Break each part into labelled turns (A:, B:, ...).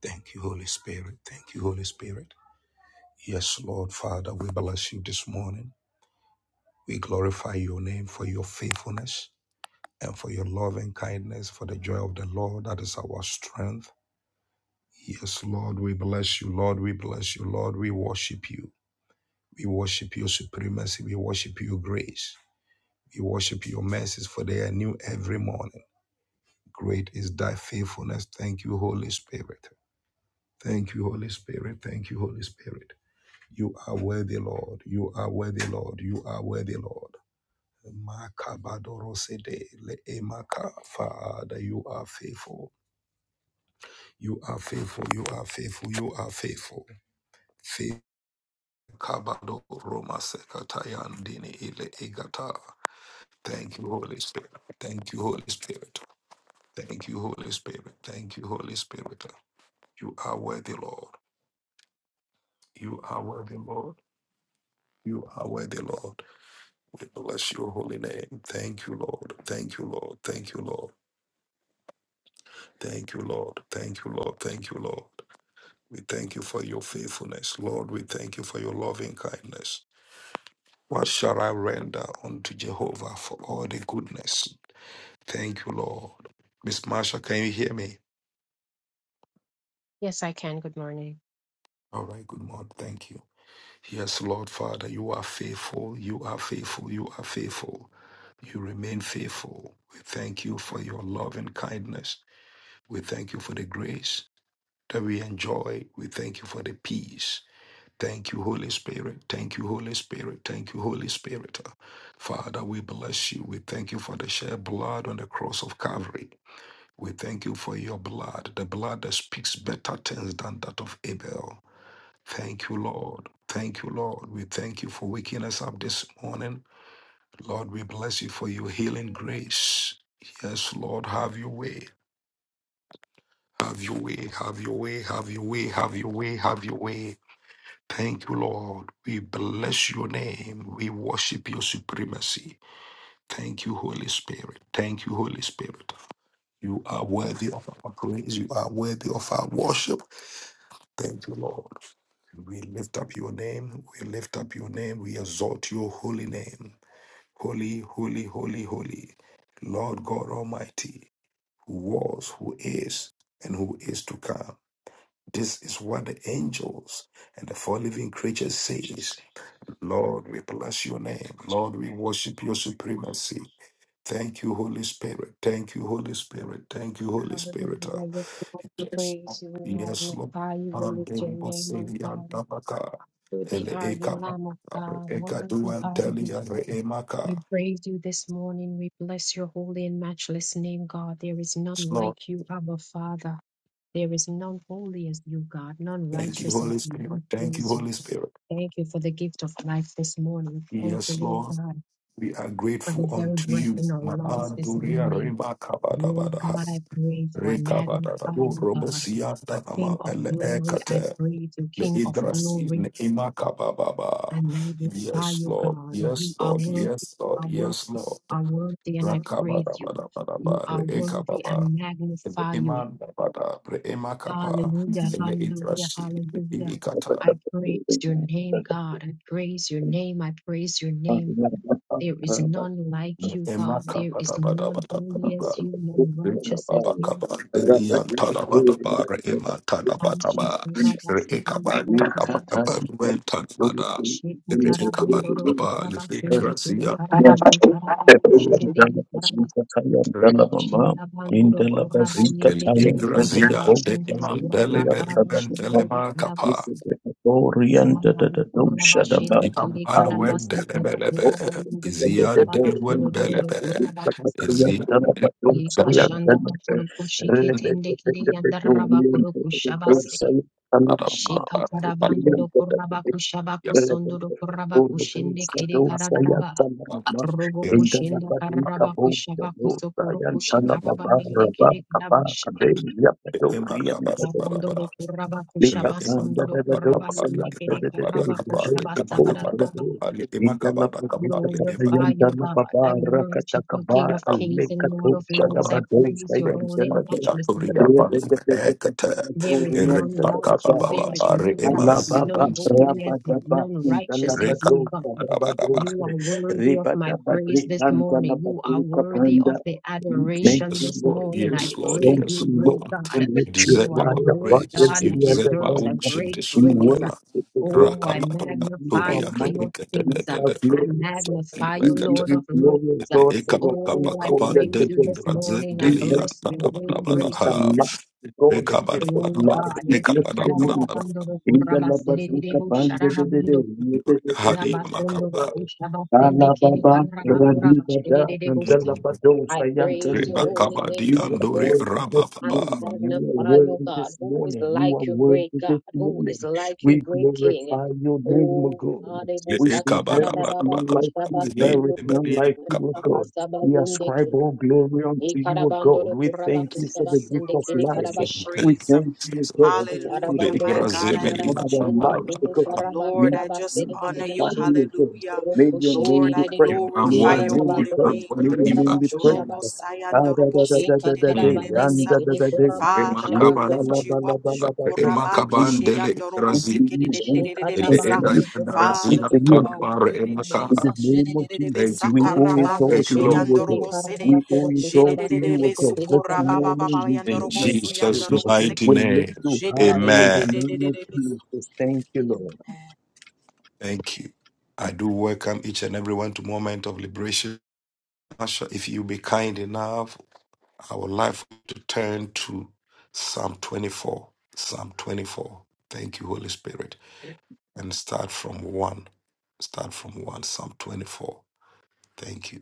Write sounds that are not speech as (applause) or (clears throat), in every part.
A: Thank you, Holy Spirit. Thank you, Holy Spirit. Yes, Lord Father, we bless you this morning. We glorify your name for your faithfulness and for your love and kindness, for the joy of the Lord that is our strength. Yes, Lord, we bless you. Lord, we bless you. Lord, we worship you. We worship your supremacy. We worship your grace. We worship your mercies, for they are new every morning. Great is thy faithfulness. Thank you, Holy Spirit. Thank you, Holy Spirit. Thank you, Holy Spirit. You are worthy, Lord. You are worthy, Lord. You are worthy, Lord. Makabadorosede leemaka. Father, you are faithful. You are faithful. You are faithful. You are faithful. Faith- Kabado Roma Sekatayandini Ile egata. Thank you, Holy Spirit. Thank you, Holy Spirit. Thank you, Holy Spirit. Thank you, Holy Spirit. You are worthy, Lord. You are worthy, Lord. You are worthy, Lord. We bless your holy name. Thank you, Lord. Thank you, Lord. Thank you, Lord. Thank you, Lord. Thank you, Lord. Thank you, Lord. We thank you for your faithfulness. Lord, we thank you for your loving kindness. What shall I render unto Jehovah for all the goodness? Thank you, Lord. Miss Marsha, can you hear me?
B: Yes, I can. Good morning.
A: All right, good morning. Thank you. Yes, Lord Father, you are faithful. You are faithful. You are faithful. You remain faithful. We thank you for your love and kindness. We thank you for the grace. that we enjoy. We thank you for the peace. Thank you, Holy Spirit. Thank you, Holy Spirit. Thank you, Holy Spirit. Father, we bless you. We thank you for the shed blood on the cross of Calvary. We thank you for your blood, the blood that speaks better things than that of Abel. Thank you, Lord. Thank you, Lord. We thank you for waking us up this morning. Lord, we bless you for your healing grace. Yes, Lord, have your way. Have your way, have your way, have your way, have your way, have your way. Thank you, Lord. We bless your name. We worship your supremacy. Thank you, Holy Spirit. Thank you, Holy Spirit. You are worthy of our praise. You are worthy of our worship. Thank you, Lord. We lift up your name. We lift up your name. We exalt your holy name. Holy, holy, holy, holy. Lord God Almighty, who was, who is, and who is to come. This is what the angels and the four living creatures say. Lord, we bless your name. Lord, we worship your supremacy. Thank you, Holy Spirit. Thank you, Holy Spirit. Thank you, Holy Spirit. Uh,
B: Hallelujah. We
A: Yes,
B: Praise
A: Lord.
B: you. We
A: Yes, Lord.
B: magnify you. We lift your
A: Unbelievable
B: name on
A: Savior,
B: high.
A: Dabaka.
B: Worthy
A: Ele
B: are you,
A: Eka
B: Lamb of God.
A: Eka
B: Worthy
A: Duan
B: are you.
A: Telia, Re Emaka.
B: We praise you this morning. We bless your holy and matchless name, God. There is
A: Yes,
B: none
A: Lord,
B: like you, Abba Father. There is none holy as you, God, none
A: thank you,
B: righteous as
A: Holy
B: you.
A: Spirit.
B: We
A: Thank you,
B: praise you.
A: Holy Spirit.
B: Thank you for the gift of life this morning. Thank you,
A: Yes,
B: Lord
A: Lord,
B: God,
A: we are
B: for the
A: grateful
B: very
A: unto
B: breath
A: you.
B: in our
A: Ma
B: lungs this
A: Anduria
B: morning.
A: Reba Kabada
B: Lord
A: Bada
B: God, I praise you. I magnify
A: Rekabadadabu
B: you, God.
A: Robosia
B: King
A: Danama
B: of
A: Ele
B: glory, I
A: Ekate
B: praise you.
A: Le
B: King of
A: Idrasi
B: glory,
A: Ne Imakabababa.
B: I magnify
A: Yes,
B: you,
A: Lord,
B: God. You
A: yes,
B: are
A: Lord,
B: worthy,
A: yes,
B: you
A: Lord,
B: are worthy,
A: yes,
B: you
A: Lord.
B: are worthy, and I praise you. You
A: Rakabadabadabadaba Re
B: are worthy, I
A: Ekababa. Ele
B: magnify you.
A: Iman Dabada Re Emakapa
B: Hallelujah,
A: Ele
B: hallelujah,
A: Idrasi Le
B: hallelujah.
A: Ikata
B: I praise
C: Thank
B: your name, God. I praise your name. I praise your name. There is none like
A: Ne
B: you, God. There is none holy as
A: Emakabadabadabadabadaba
B: you, none
A: Zian
B: righteous as you. Shekatara bandoro kuraba sende kere karaba shekaraba kushere deri karaba shinda bandoro kuraba yende kere kashaba sondoro kuraba karaba shere
C: you.
B: deri karaba
C: Thank
B: se karaba de kuraba shende kere karaba se koro kuraba yende kere karaba shere doro kuraba kasa ye kashanda bakuru kushike tende kere yandaraba kuru kushaba Shekatarabandoro Kurabaku Shabaku Sondoro Kurabaku Shende Kere Karadaba Robo Kushenda Karabaku Shabaku Sokoro Kushikarabanende Kere Karabash
C: you.
B: Abandoro Kurabaku
A: Yes,
C: Lift up
A: Lord.
C: under the
B: Shabasundoro
C: the dogs and
B: Kurabanende
C: under
B: Kere
C: the the day,
B: Karabaku
C: the dog kapog the
B: Shabasabaradaba
C: day. In the lap of the
B: Glorify
C: Katayan, the
B: you God I
C: Lababa,
B: worship you King
C: Rakatakaba,
B: of Kings and Lord
C: Alekato,
B: of Lords I
C: Shalabados,
B: praise your
C: Kayan, the
B: holy and
C: Labay,
B: matchless name
C: Rebecca, the
B: There is
C: Korean,
B: none
C: the
B: like you.
C: Dada.
B: There is none like you.
C: Alababa,
B: None holy as you.
C: rabababa,
B: None righteous as you, God.
C: intalabadosa,
B: You
C: babadose,
B: are worthy of my
C: ribadabatri,
B: praise this morning. You are
C: antalabatri,
B: worthy
C: kapanda.
B: of the
C: we Thank
B: adoration
C: you,
B: this
C: Lord.
B: morning.
C: We
B: I
A: Yes, Lord.
B: praise
C: thank
A: Yes,
B: you,
C: you, Lord.
B: great
A: Lord.
C: We
B: God.
A: You
C: let you
B: You
A: deserve
B: are a
C: fly
A: our
B: great
C: above
A: praise.
B: God
A: You
B: that
C: every
A: deserve
C: other
A: our
B: deserves a
C: man.
A: worship
B: great
A: this
C: We
B: praise.
A: morning.
C: worship the
B: Oh,
C: Lord.
B: I
C: We
A: Rakababa,
C: thank you,
B: magnify
A: Turia,
B: you, King
C: Almighty.
B: of
C: We
B: Kings. I
C: are glorious.
B: magnify
C: We
B: you,
A: Rekete,
C: give
B: Lord
C: you
B: of
C: glory,
B: Lords.
C: Lord, for your
B: Oh, I
A: Ekabakabakaba,
C: faithfulness to
B: praise
A: del
B: you this
C: God.
A: ingrazen,
B: morning.
C: We
B: I
A: deli
C: thank
B: bless
C: you
A: yanta
B: your
A: da
C: for
A: ba da
B: name,
A: ba
C: keeping
A: da.
B: great
C: us
A: ha
B: God.
C: alive. God, the
A: eka ba da
C: gift of
A: ba da ba
C: life. We
A: Eka yantadabadabadaha,
C: bless your
A: rekabadabadaba,
C: name. Indala bazuka pande de de de de de de
A: ekabadabadabadabadore,
C: de
A: hadi amakaba,
C: de Ala baba radi bada indala
A: mm,
C: bado
B: I praise
C: sayantel
B: your
C: de.
B: holy
A: rebakabadi
B: name
C: You
B: this
C: are
A: andore
B: morning.
C: worthy this
B: I
A: rabababa,
C: morning. You are
B: magnify your
C: worthy
B: God,
C: this
B: who is
C: morning. You
B: like
C: are
B: your great
C: worthy
B: God,
C: this
B: who is
C: morning.
B: like your
C: We
B: great King.
C: glorify your name, O
B: Oh,
C: God.
A: le
C: We
B: Adebusta
C: say there is none
A: ekabadabadabadaba,
C: like you.
A: beli-
C: There is none
A: beli
C: like you, O
A: kaba,
C: God. We ascribe all glory unto you, O God. We thank you for
D: because
C: the
D: you
C: gift
D: are
C: of
D: worthy to
C: life.
D: be
A: mm, thank
C: We
A: you,
D: praised.
C: thank you,
A: Jesus.
C: God, for your
A: Le
D: Hallelujah. My
A: ba
B: Larabandoro
D: God,
C: protection
D: I
A: beli
C: upon
B: Kusharaba
D: lift
C: our
A: yanta
D: you
A: da
D: up.
C: lives,
A: ba da
C: because
A: ba
B: Karaba
D: Lord,
C: We
D: I
B: Kuraba
D: just
B: Sende
D: honor
C: glorify
D: you.
C: you, God.
D: Hallelujah.
C: May
B: Roku
C: your name
D: Lord,
B: Shede
C: be
D: I
C: praised.
A: You are
C: May
D: glorify
C: your
A: worthy,
D: your
C: name
B: Kusharaba
C: be
A: you
D: holy
A: are
C: praised.
D: name.
B: Kurabuste
C: May
A: worthy,
C: your
A: you are.
C: name
B: Kuraba
C: be praised.
B: Kushabasta
C: Ah, da, da, da, da, da,
B: Shika
C: da, day.
B: Taraba
A: Mm.
C: And
B: Yende
C: da,
D: Jorobosayandorobosikididididibisa.
C: da, da, day.
B: Kuraba
D: Father, I
C: Le, ba,
A: Remakabadaba,
B: Kushabakutu
C: la,
D: lift you
C: ba, la,
D: up.
C: ba, la, ba, da, day. We
A: remakabandele
C: unto
A: igrazen.
C: you,
B: Shika
A: Thank
C: unto
D: Jukorabakishayandorobosikidididididibisa.
C: you,
B: Tabandoro Kuraba
D: Father,
C: unto
D: you
C: you,
B: Kushikiri
D: are worthy,
B: Kutakataba
C: in the
D: Jesus.
C: name of
D: Jedededebe
C: Jesus,
A: you,
C: we
A: Lord.
C: owe it
D: sakaraba
C: all
B: Karaba
A: Thank you,
C: to
D: keshe
C: you,
A: Lord.
B: Sende
C: O
B: Kede
C: God.
D: yandorobo sede.
C: We
B: Karaba
C: owe it all
B: Kurukutaba
C: to you, O
D: Jedededebe
B: Sekete
C: God. This
D: sukoraba
B: Karaba
D: baba
C: morning
B: Kush
D: baba
C: we
A: In
D: yandorobo su
C: magnify, O
A: Jesus'
C: God.
D: yandorobo
A: mighty
C: We
D: seke.
C: lift
A: name.
C: you high in the
A: Amen.
C: name of
D: Jedededededededebe.
C: Jesus. Thank you, Lord.
A: Thank you. I do welcome each and everyone to Moment of Liberation. Pastor, if you be kind enough, I would like to turn to Psalm 24. Psalm 24. Thank you, Holy Spirit. And start from one. Start from one. Psalm 24. Thank you.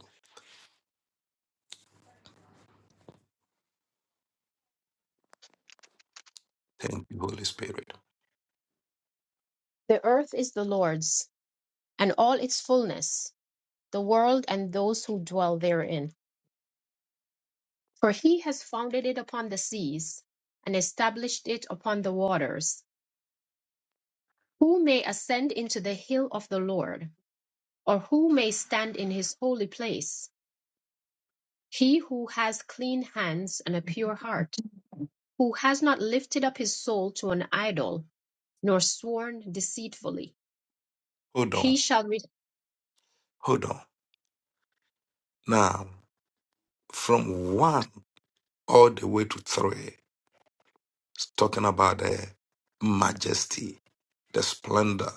A: Thank you, Holy Spirit.
B: The earth is the Lord's and all its fullness the world and those who dwell therein For he has founded it upon the seas, and established it upon the waters. Who may stand in the hill of the Lord, or who may see his holy place? He who has clean hands and a pure heart, who has not lifted up his soul to an idol, nor sworn deceitfully.
A: Hold on.
B: He shall, re-
A: Hold on. Now. from one all the way to three. It's talking about the majesty, the splendor,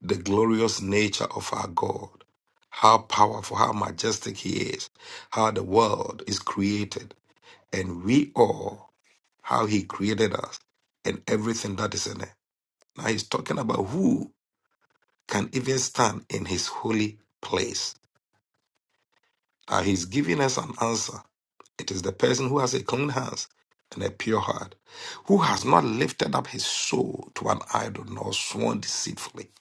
A: the glorious nature of our God. How powerful, how majestic He is, how the world is created, and we all, how He created us, and everything that is in it. Now He's talking about who can even stand in His holy place. Now He's giving us an answer It is the person who has a clean hands and a pure heart, who has not lifted up his soul to an idol nor sworn deceitfully.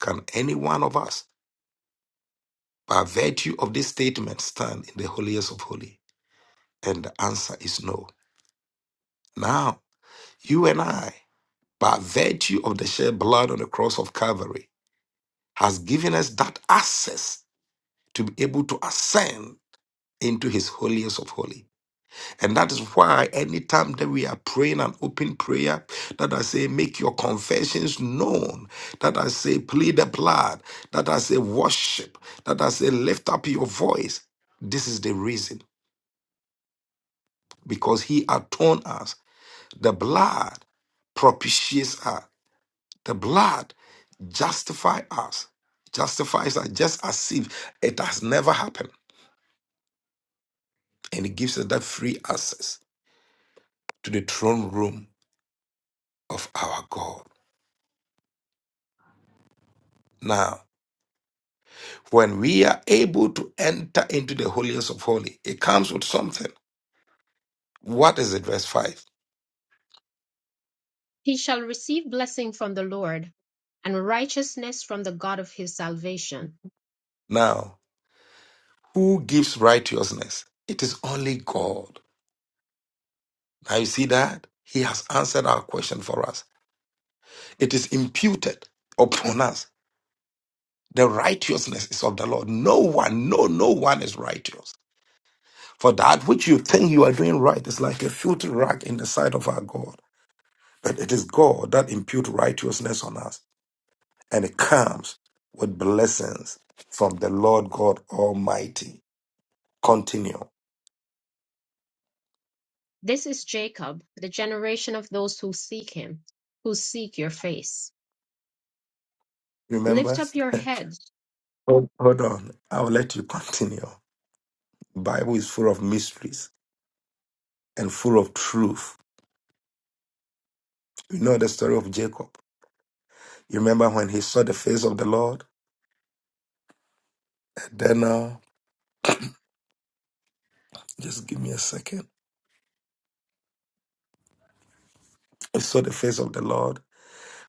A: Can any one of us, by virtue of this statement, stand in the holiest of holy? And the answer is no. Now, you and I, by virtue of the shed blood on the cross of Calvary, has given us that access to be able to ascend into his holiest of holy. And that is why anytime that we are praying an open prayer, that I say, make your confessions known, that I say, plead the blood, that I say, worship, that I say, lift up your voice. This is the reason because he atoned us. The blood propitiates us, the blood justifies us, justifies us just as if it has never happened. And it gives us that free access to the throne room of our God. Now, When we are able to enter into the holiest of holy, it comes with something. What is it? Verse 5.
B: he shall receive blessing from the Lord, and righteousness from the God of his salvation.
A: Now, who gives righteousness? It is only God. Now you see that? He has answered our question for us. It is imputed upon us. The righteousness is of the Lord. No one, no, no one is righteous. For that which you think you are doing right is like a filthy rag in the sight of our God. But it is God that imputes righteousness on us. and it comes with blessings from the Lord God Almighty. Continue.
B: This is Jacob, the generation of those who seek him, who seek your face. Lift
A: Remember?
B: up your heads
A: Hold, hold on. I'll let you continue. Bible is full of mysteries and full of truth. You know the story of Jacob. You remember when he saw the face of the Lord? And then, uh, just give me a second. He saw the face of the Lord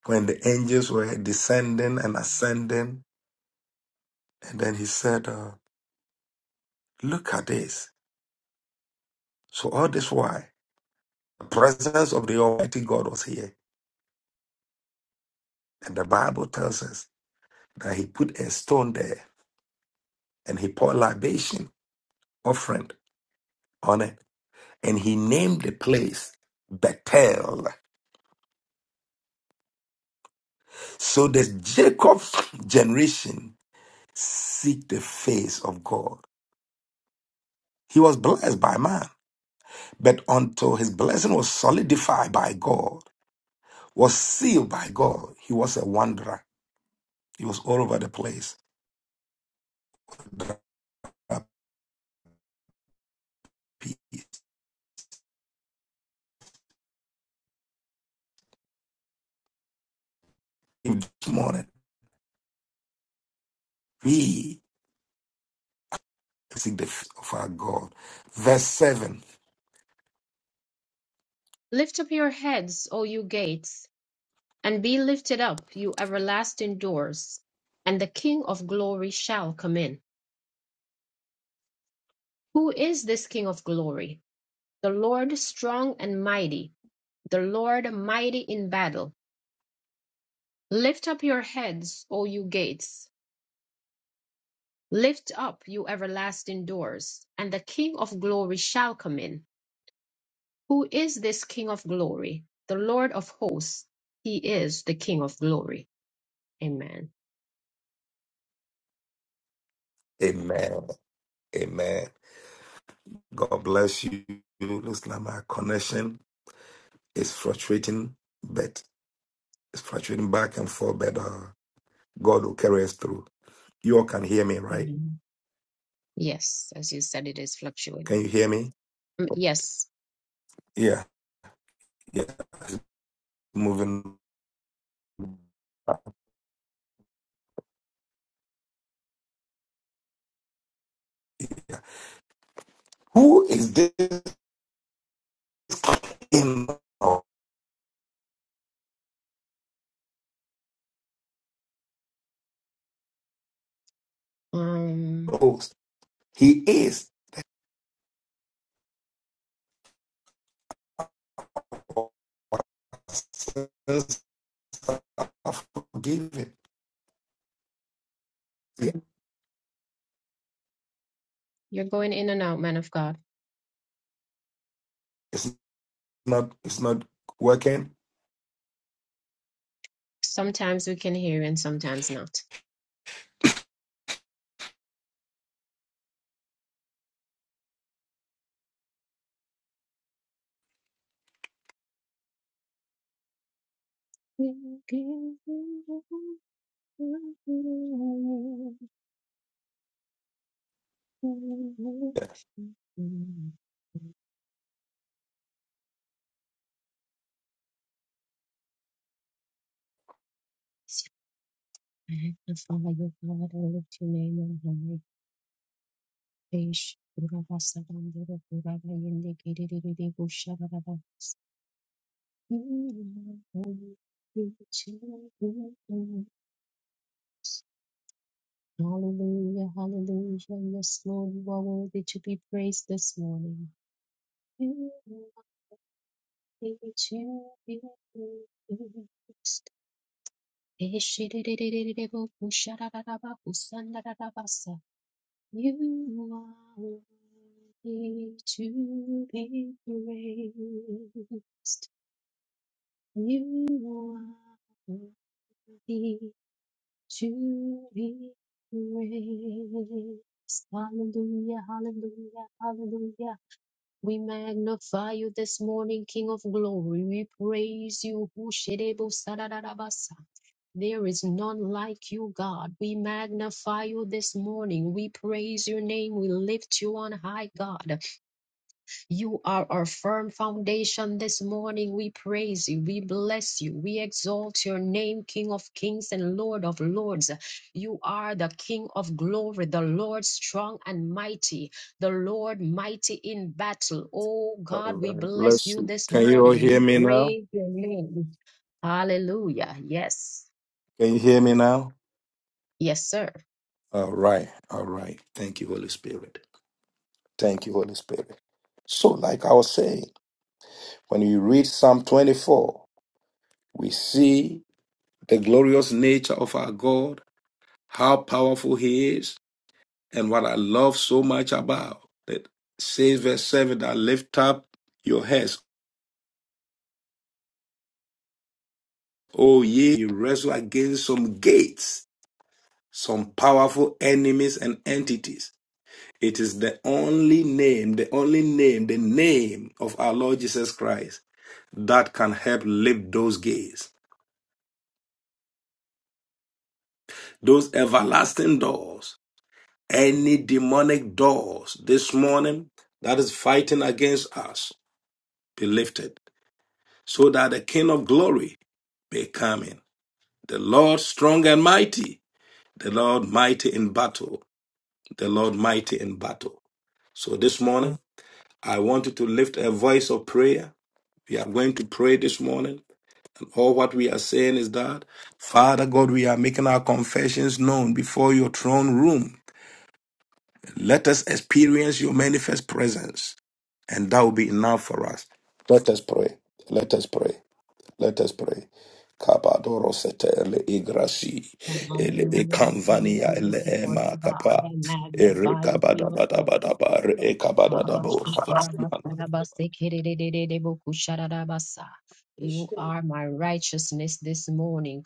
A: when the angels were descending and ascending. And then he said, uh, Look at this. So, all this while, the presence of the Almighty God was here And the Bible tells us that he put a stone there and he poured libation offering on it. And he named the place Bethel. So the Jacob's generation seek the face of God. He was blessed by man, but until his blessing was solidified by God, was sealed by God, he was a wanderer. He was all over the place. He- This morning, we seek the face of our God. Verse 7
B: Lift up your heads, O you gates, and be lifted up, you everlasting doors, and the King of glory shall come in. Who is this King of glory? The Lord strong and mighty, the Lord mighty in battle. Lift up your heads, O you gates. Lift up, you everlasting doors, and the King of glory shall come in. Who is this King of glory? The Lord of hosts. He is the King of glory. Amen.
A: Amen. Amen. God bless you. Looks like my connection is fluctuating, but it's fluctuating back and forth, but uh, God will carry us through. You all can hear me, right?
B: Amen. Yes, as you said, it is
A: Can you
B: fluctuating.
A: hear me?
B: Mm, Yes.
A: Yeah. Yeah. Moving. Who is this in our
B: Um,
A: host? He is given. Yeah.
B: you're going in and out, man of God.
A: It's not it's not working.
B: Sometimes we can hear you and sometimes not. Magnify your
A: Yeah.
B: God and lift your name on high. Ish, Urava Sabandura, Urava Yende, Kidididi, Busharava. Hallelujah, hallelujah. Yes, Lord, you are worthy to be praised this morning. You are worthy to be praised. Eshididididididibobusharabarabakusandarabasa. You are worthy to be praised. You are worthy to be praised. Hallelujah, hallelujah, hallelujah, We magnify you this morning, King of glory. We praise you. Hushirebo sararabasa. There is none like you, God. We magnify you this morning. We praise your name. We lift you on high, God. You are our firm foundation this morning. We praise you. We bless you. We exalt your name, King of kings and Lord of lords. You are the King of glory, the Lord strong and mighty, the Lord mighty in battle. Oh
A: All
B: God, we
A: right.
B: bless
A: Bless
B: you
A: you.
B: this
A: Can you all
B: morning.
A: hear
B: We
A: me now?
B: praise your name. Hallelujah. Yes.
A: Can you hear me now?
B: Yes, sir.
A: All right. All right. Thank you, Holy Spirit. Thank you, Holy Spirit. So, like I was saying, when you read Psalm 24, we see the glorious nature of our God, how powerful He is, and what I love so much about that says, verse 7 that lift up your heads, O ye, you wrestle against some gates, some powerful enemies and entities. It is the only name, the only name, the name of our Lord Jesus Christ that can help lift those gates, those everlasting doors, any demonic doors this morning that is fighting against us be lifted so that the King of glory may come in. The Lord strong and mighty, the Lord mighty in battle, the Lord mighty in battle. So this morning, I want you to lift a voice of prayer. We are going to pray this morning. And all what we are saying is that, Father God, we are making our confessions known before your throne room. Let us experience your manifest presence. And that will be enough for us. Let us pray. Let us pray. Let us pray. Kabadoro sete ele igrasi ele
B: Hallelujah. We praise
A: ekamvania
B: you
A: ele
B: this
A: ema
B: morning, God.
A: kapa
B: I
A: ere
B: magnify you, King of glory.
A: kabadabadabadaba re ekabadadabo
B: Abashukurabasarabasikerererererebokushararabasa. You are my righteousness this morning.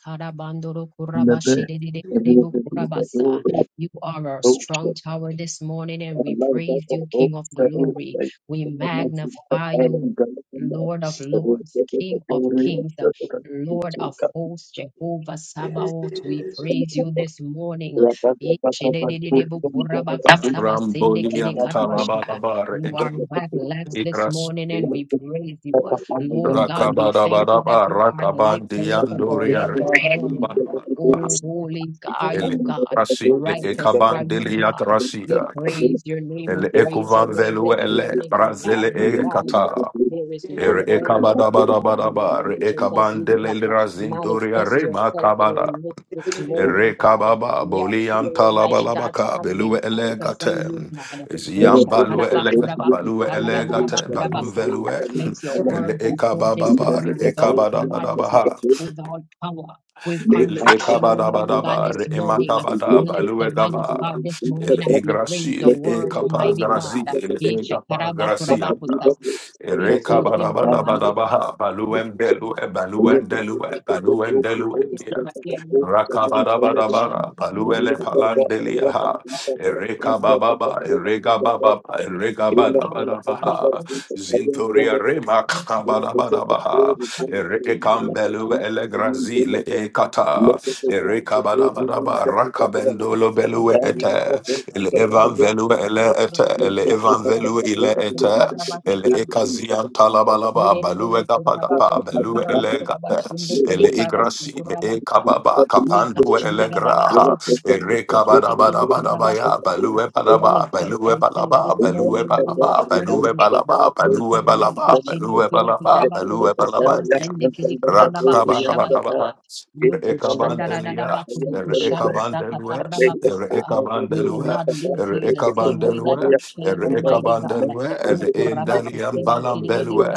C: And the best of your belief, the Lord,
B: Karabandorokurabashedererererebokurabasa.
C: our
B: You are our
C: hope,
B: strong tower this morning, and
C: our
B: we
C: love, our
B: praise
C: hope,
B: you,
C: our hope,
B: King of
C: the
B: glory. We
C: name of Jesus,
B: magnify
C: I
B: you,
C: God, and
B: Lord of
C: the
B: lords,
C: the Lord, the
B: King of
C: glory of
B: kings,
C: the Lord, we
B: Lord of
C: take up.
B: hosts, Jehovah Sabaoth. We praise you this morning.
C: Rabba, rabba, rabba, rabba, rabba, rabba, rabba, rabba,
A: Rambolian
C: rabba, rabba,
B: Ishededededebokurabakosabasindekidekadabasha.
A: Talabalabar
B: You are
C: rabba,
B: back
C: rabba,
B: blessed this
A: Igras
B: morning and
C: Thank
B: we praise you. Lord God, we thank you that
A: Rakabarabaraba
B: you are the lifter up
A: Rakabandian
B: of our
A: Doria
B: head this morning. Oh, holy are
A: Ele
B: you, God.
A: Rasi Le
B: Righteous are you,
A: Ekabandelia
B: God. We
A: Gracia
B: praise your name. We
A: Ele
B: praise your
A: Ekuvan
B: name
A: Velu
B: this
A: Ele
B: morning. We
A: Brazele
B: magnify you.
A: Ekata
B: There is none
A: Ere
B: holy as you, God,
A: Ekabadabadabaraba
B: none
A: Re
B: righteous as you, God.
A: Ekabandele Razindoria
B: Manifest
A: Rema
B: yourself in our
A: Kabada
B: midst this morning, God.
A: Rekababa
B: We are here,
A: Bolian
B: Almighty God, to
A: Talabalabaka
B: have an
A: Belue
B: encounter from
A: Elegate
B: you, God.
A: Ziam Balue Elegate Balue Elegate Balum
B: Ushakarabakurabakutadadadabakurabasaa.
A: Velue
B: Let your
A: Ele
B: word go forth
A: Ekababa
B: this morning with all clarity,
A: Ekabada
B: with all power, with
A: El
B: conviction, Almighty God,
A: ekabadabadaba, re
B: this morning.
A: emakabadaba,
B: Bless the man of
A: luegaba,
B: God this
A: el
B: morning as he brings the
A: igrasil,
B: word,
A: ekapa
B: Almighty
A: grazi,
B: God.
A: el
C: you.
A: egapa
C: Thank you.
A: grazianda,
B: Ishakarabakurabakutasa. Speak through him, Almighty
A: erekabadabadabadabaha,
B: God.
A: baluendelue, baluendelue, baluendeluendia, rakabadabadabara, baluele palandeliaha,
B: Ishakarabakurabakutasa.
A: erekabababa, eregabababa, eregabadabadabaha, zintoria
B: Thank
A: remakabadabadabaha, Ereke Erikambelu elegrazile ekata. Erikabadabadaba rakabendolo belue ete. Ele evanvelu ele ete. Ele evanvelu ile ete. Ele ekazian talabalaba balue gapadapa belue elegate. Ele igrasi me
B: you.
A: ekababa kapandu
B: Manifest
A: elegraha. Rekabadabadabadabaya, baluebalaba,
B: yourself
A: baluebalaba,
B: this morning, Holy
A: baluebalaba,
B: Spirit of God.
A: baluebalaba,
B: We
A: baluebalaba, baluebalaba, baluebalabania. Rakabadabadaba, Rekabandelia, Rekabandelue,
B: will
A: Rekabandelue,
B: not leave here the same way that
A: Rekabandelue,
B: we came, Almighty God.
A: Rekabandelue,
B: But
A: Endaliam
C: Thank you.
A: Balambelue,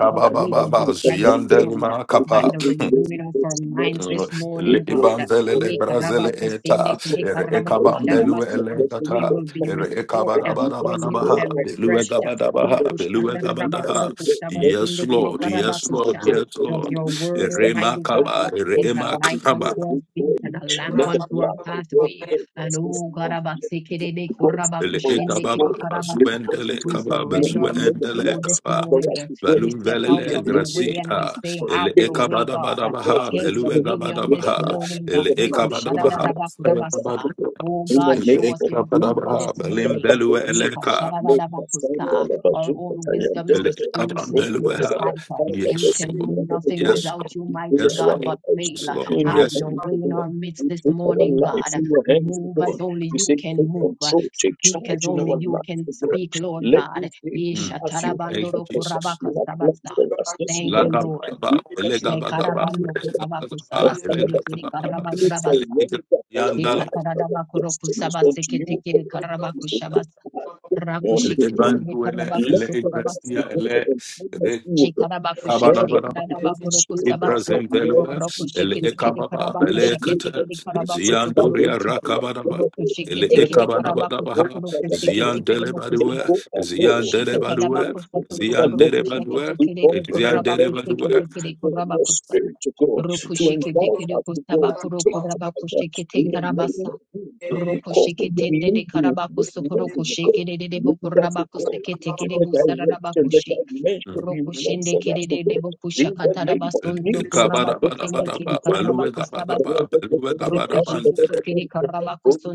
C: Let
B: we will be transformed
A: Ziandelima
B: by the renewing of our minds this morning, God.
A: Libanzele
B: Ye
A: Brazil
B: karaba
A: eta
B: kusinde kere
A: ere
B: karaba kusharaba
A: ekabandelu
B: sa- We
A: elegata
B: will be
A: ere
B: restored, uh, renewed,
A: ekabarabarabaha
B: and
A: belue
B: refreshed. uh, ye
A: gabadabaha belue
B: kushtanda raba kuru
A: gabadaha
B: kusaba
A: yes
B: sinde kere
A: lord
B: karaba
A: yes lord
B: kusha.
A: yes
B: Because
A: lord
B: your word,
A: ere
B: Almighty God,
A: makaba ere
B: is a light
A: emakaba
B: unto our feet and a lamp
C: the
B: unto our
C: blood of God
B: pathway.
C: take
B: And
C: us this
B: oh,
C: morning.
B: karaba
C: Let
B: sekere be
C: the blood
B: kuraba
C: speak
A: ele
C: for us
B: kushinde
C: today.
A: ekababa
B: kere karaba sa.
A: basuendele
C: Repent
B: we
C: and this
A: kaba
B: surrender
C: morning. Let
B: with
C: the
A: bazuendele
B: you
C: blood
B: this
C: speak
A: kaba
C: for
B: morning.
C: us today.
B: We
A: Belum
B: step
C: We
B: out
A: velele
C: thank
B: of the
C: you.
B: way and we
A: gracia
B: say,
C: In
A: ele
B: Have your
C: the
B: way, God.
A: ekabadabadabaha
B: Take
A: belue
B: dominion this
A: gabadabaha
B: morning, God.
A: ele ekabadabaha
B: Lekushadadadabakurabasa. Oh God,
C: name
B: show us
C: of
B: your glory
C: Jesus,
B: this
A: Ikabadabaha, Belim
B: morning.
A: Belue Eleka,
C: make us stand on
B: Yekashadadadabakusa.
C: the
B: Our
C: bazooka
B: own
C: and
B: wisdom is as
C: deliver.
A: Elikabam
C: We
B: foolishness in
C: pray
B: your
C: that the
A: Belueha.
B: sight.
C: Father
B: We
A: Yes,
C: this
B: can do
A: Lord.
C: morning,
B: nothing
A: Yes,
C: Lord,
B: without
A: Lord.
B: you,
C: we
B: mighty
C: pray
A: Yes,
C: our
B: God,
A: Lord.
B: but
C: lives in
B: fail.
A: Yes,
C: your
A: Lord.
C: hands,
B: Have
A: Yes.
B: your way in
C: Lord.
B: our midst
C: We
B: this
C: take our
B: morning,
C: lives
B: God.
C: in your hands,
B: Move as
C: Lord.
B: only
C: We say,
B: you can
C: take
B: move.
C: control, take
B: Speak as
C: charge in
B: only
C: our
B: you
C: lives,
B: can
C: Lord.
B: speak, Lord
C: Let
B: God.
C: this day be
A: Mm.
C: as you have
A: Thank you,
B: Ishatarabandoro
C: purposed, as
A: Jesus.
C: you
B: kurabaka
C: have planned
B: sabasa.
C: for us this
B: Thank you,
C: morning.
B: Lord.
A: Lagabagaba,
C: We thank you for the
A: Elegabagaba,
C: Lord,
B: Shekarabando kurabaku
C: And
A: Elegabagaba,
C: Father,
B: sabasende
C: that
B: kiri
C: we
A: Elegabagaba,
C: can
B: karabaku
C: really
B: rabasa.
A: Elegabagaba,
C: surrender our
A: Yandala,
C: life, our
B: Shekataradabakoroku
C: destinies unto
B: sabasekete
C: you. Lord.
B: kiri
C: We
B: karabaku
C: will
B: shabasa.
C: take back this
B: Raku
C: morning, O
B: shikete
C: God.
B: kiri
A: Elebanduele,
B: karabaku
C: Let us ask
B: sukurabasa.
C: you,
A: Elegastia,
C: God,
A: Ele,
C: and kindness
B: Shekarabaku
C: now
B: shikiri
C: that
A: Rekabadabadaba.
C: the Holy
B: karabakoroku
C: Spirit is
B: sabasa.
C: what
A: Idrazim
C: we know and
A: velua,
B: Roku
C: see for
A: ele
B: shikete
C: today.
B: kiri
A: ekababa,
C: We
B: karabaku
C: have
A: ele
C: made
B: shikete
C: for
A: ekata,
B: kiri karabaku
C: Jesus that is
A: ziandoria
B: sukurukuchi.
C: like the
A: rakabanaba,
B: Roku
C: Lord.
A: ele
B: shikete
C: Repetitive
B: kiri
C: that the
B: karabaku
C: Lord.
A: ekabanabanaba,
B: sukurukuchi
C: Echo our Lord,
B: sekete kiri mukusa.
C: Take
A: ziandelebadua,
C: hold of Lord, your
B: Rokushekete
C: spirit,
A: ziandelebadua,
C: focus our Lord.
A: ziandelebadua,
C: We call for your very
A: ziandelebadua,
C: presence to God, your spirit to God, to engulf us to God, to take time. In the name of
B: kere
C: Jesus, we call for your movement, this movement,
B: karabakusondoro
C: God. And if you got to pray, to the direction, the dimension
A: Mm.
C: you want for us to go. In the name of Jesus, I don't
A: Kabarabarabara,
C: stand in front of
A: baluwe
C: it. Holy
A: kabakaba, baluwe kabaraban,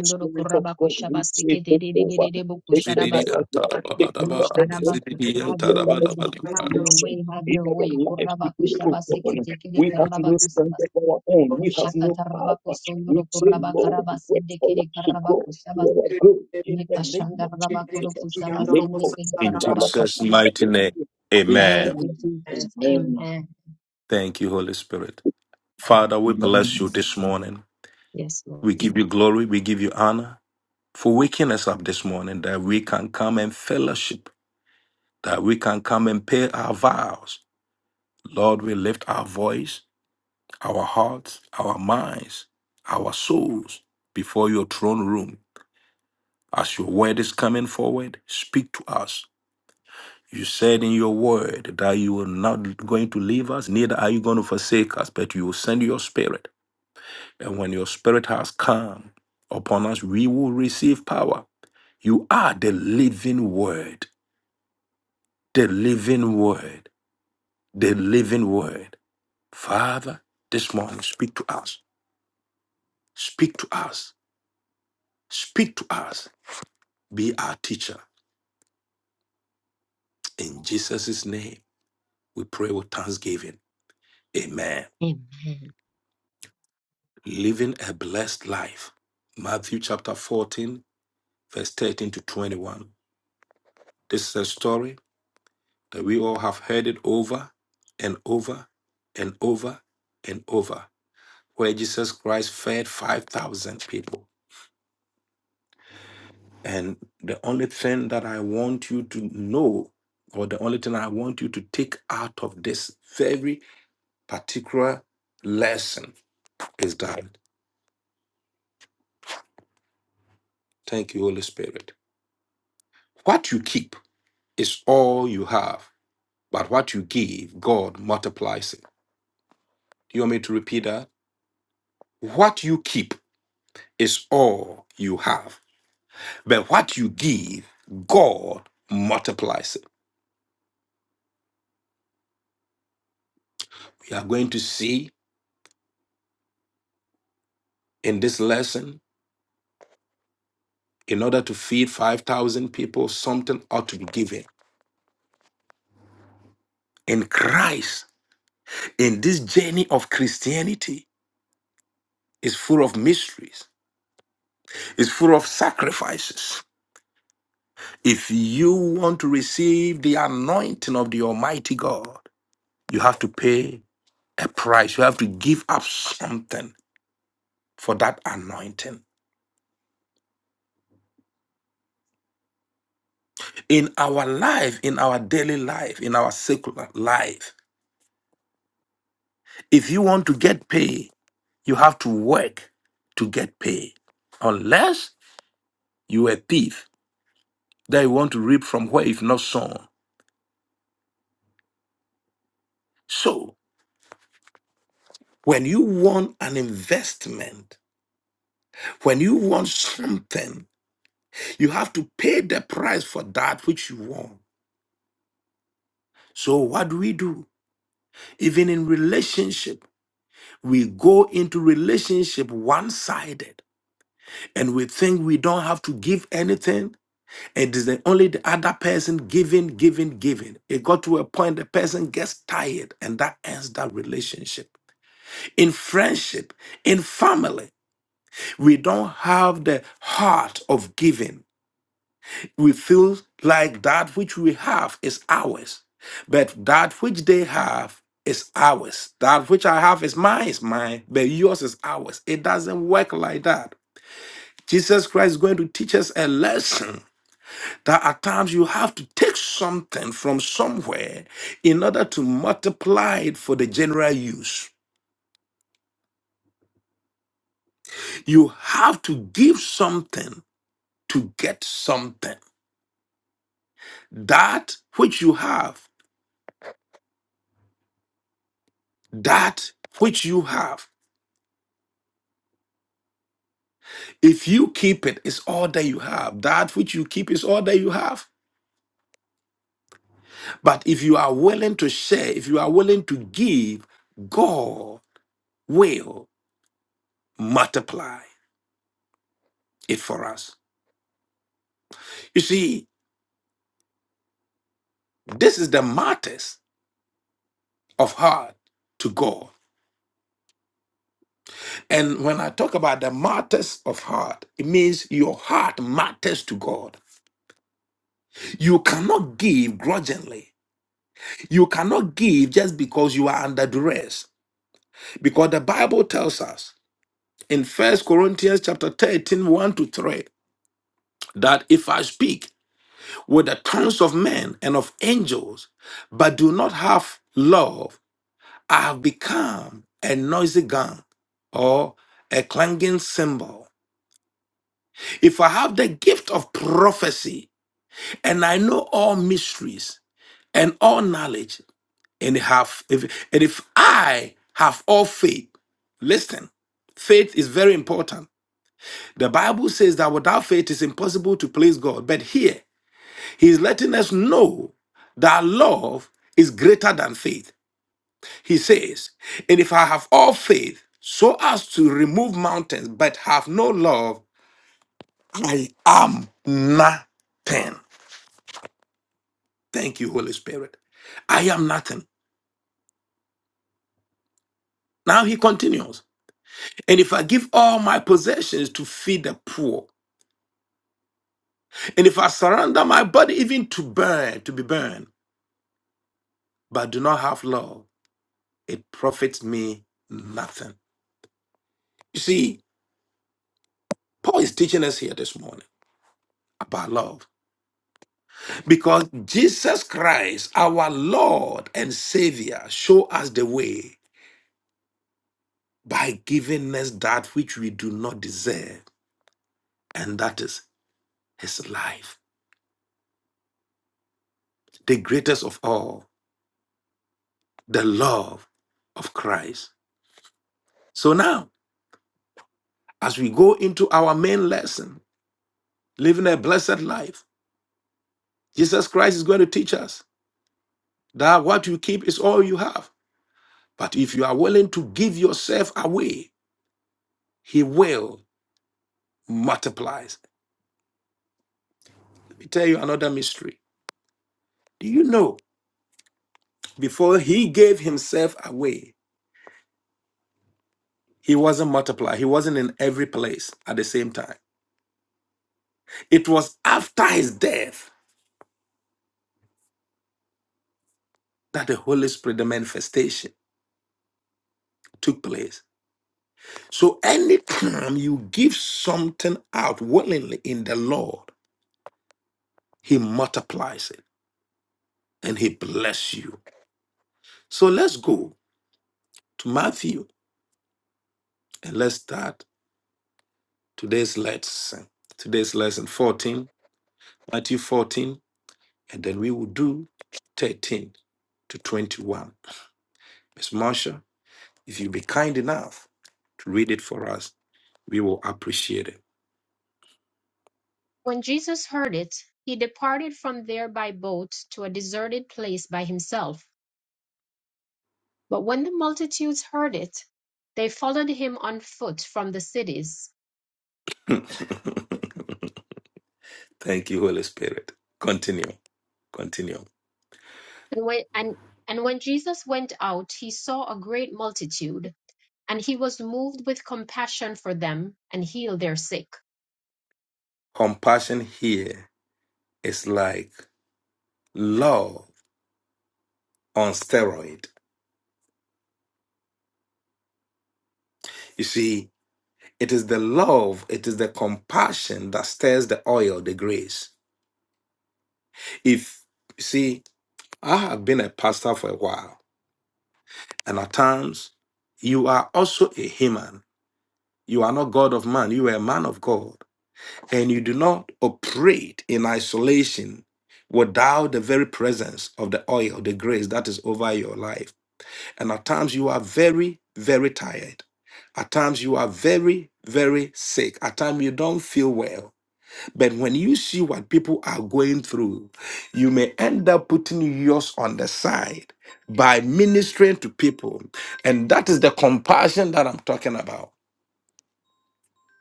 C: Spirit of God, we
B: kurabakushabase
C: say,
B: kete
C: take
B: de de de
C: over,
B: de de
C: take over
A: zididi
B: bokusharabasa.
C: our life, take
B: Oh,
C: over
A: atarabarabara,
C: everything,
A: zididi
C: take
B: Have your
C: over
B: way,
C: every
B: God. Have
A: entarabarabara.
B: your
C: situation
B: way, have
C: in
B: your
C: our
B: way.
C: life today, oh
B: Kurabakushabaseke
C: God.
B: tekele
C: We have no strength
B: karabakusimas.
C: of our own, we have no power. We
B: Ushakatarabakosondoro
C: say, Lord, wait
B: kurabakarabasende
C: for
B: kere
C: us to go you
B: karabakushabase.
C: are growing in the name of Jesus. Let
B: Nekashandarabakurokusabasende
C: go,
B: kere
C: Father,
A: In
C: Lord, of
A: Jesus'
B: karabakushabase.
A: mighty name,
C: Sandalabadu.
B: Thank
A: amen.
C: Amen.
B: you,
D: Amen.
B: Jesus.
C: Amen.
B: Amen.
A: Thank you, Holy Spirit. Father, we bless
C: Amen.
A: you this morning.
B: Yes, Lord.
A: We give you glory. We give you honor for waking us up this morning that we can come and fellowship, that we can come and pay our vows. Lord, we lift our voice, our hearts, our minds, our souls before your throne room. As your word is coming forward, speak to us. You said in your word that you are not going to leave us, neither are you going to forsake us, but you will send your spirit And when your spirit has come upon us, we will receive power. You are the living word, the Lord, the Lord. Father, just speak to us, speak to us, speak to us. Be our teacher. In Jesus' name, we pray with thanksgiving. Amen.
B: Amen.
A: Living a blessed life. Matthew chapter 14, verse 13 to 21. This is a story that we all have heard it over and over and over and over. where Jesus Christ fed 5,000 people. And the only thing that I want you to know, or the only thing I want you to take out of this very particular lesson is that, thank you, Holy Spirit. What you keep is all you have, but what you give, God multiplies it. Do you want me to repeat that? What you keep is all you have, but what you give, God multiplies it. We are going to see in this lesson, in order to feed 5,000 people, something ought to be given. And Christ, in this journey of Christianity, is full of mysteries, is full of sacrifices. If you want to receive the anointing of the Almighty God, you have to pay a price. You have to give up something for that anointing. In our life, in our daily life, in our secular life, if you want to get paid, You have to work to get paid. Unless you are a thief that you want to reap from where if not sown. So when you want an investment, when you want something, you have to pay the price for that which you want. So what do we do? Even in relationship, we go into relationship one-sided and we think we don't have to give anything It is the only the other person giving, giving, giving. It got to a point the person gets tired, and that ends that relationship. In friendship, in family, we don't have the heart of giving. We feel like that which we have is ours, but that which they have is ours. That which I have is mine, is mine, but yours is ours. It doesn't work like that. Jesus Christ is going to teach us a lesson that at times you have to take something from somewhere in order to multiply it for the general use. You have to give something to get something. That which you have, that which you have. If you keep it, it's all that you have. That which you keep is all that you have. But if you are willing to share, if you are willing to give, God will multiply it for us. You see, this is the martyrs of heart to God. And when I talk about the matters of heart, it means your heart matters to God. You cannot give grudgingly. You cannot give just because you are under duress. Because the Bible tells us in First Corinthians chapter thirteen, one to 3, that if I speak with the tongues of men and of angels, but do not have love, I have become a noisy gong or a clanging cymbal. If I have the gift of prophecy and I know all mysteries and all knowledge, and have if and if I have all faith, listen, faith is very important. The Bible says that without faith it's impossible to please God. But here he is letting us know that love is greater than faith. He says, and if I have all faith so as to remove mountains, but have no love, I am nothing. Thank you, Holy Spirit. I am nothing. Now he continues. And if I give all my possessions to feed the poor, and if I surrender my body even to burn, to be burned, but do not have love, it profits me nothing. You see, Paul is teaching us here this morning about love because Jesus Christ, our Lord and Savior, show us the way by giving us that which we do not deserve, and that is his life. the greatest of all, the love of Christ. So now, as we go into our main lesson, living a blessed life, Jesus Christ is going to teach us that what you keep is all you have. But if you are willing to give yourself away, He will multiply. Let me tell you another mystery. Do you know, before He gave Himself away, He wasn't multiplied, He wasn't in every place at the same time. It was after His death that the Holy Spirit, the manifestation. took place. So anytime you give something out willingly in the Lord, He multiplies it and He bless you. So let's go to Matthew and let's start today's lesson. Today's lesson 14, Matthew 14, and then we will do 13 to 21. Miss Marsha, if you be kind enough to read it for us, we will appreciate
B: When Jesus heard it, he departed from there by boat to a deserted place by himself. But when the multitudes heard it, they followed him on foot from the cities.
A: it. (laughs) Thank you, Holy Spirit. Continue. Continue.
B: And when, and, and when Jesus went out, he saw a great multitude, and he was moved with compassion for them and healed their sick.
A: Compassion here is like love on steroid. You see, it is the love, it is the compassion that stirs the oil, the grace. If you see, I have been a pastor for a while, and at times you are also a human. You are not God of man, you are a man of God. And you do not operate in isolation without the very presence of the oil, the grace that is over your life. And at times you are very, very tired. At times you are very, very sick. At times you don't feel well. But when you see what people are going through, you may end up putting yours on the side by ministering to people. And that is the compassion that I'm talking about.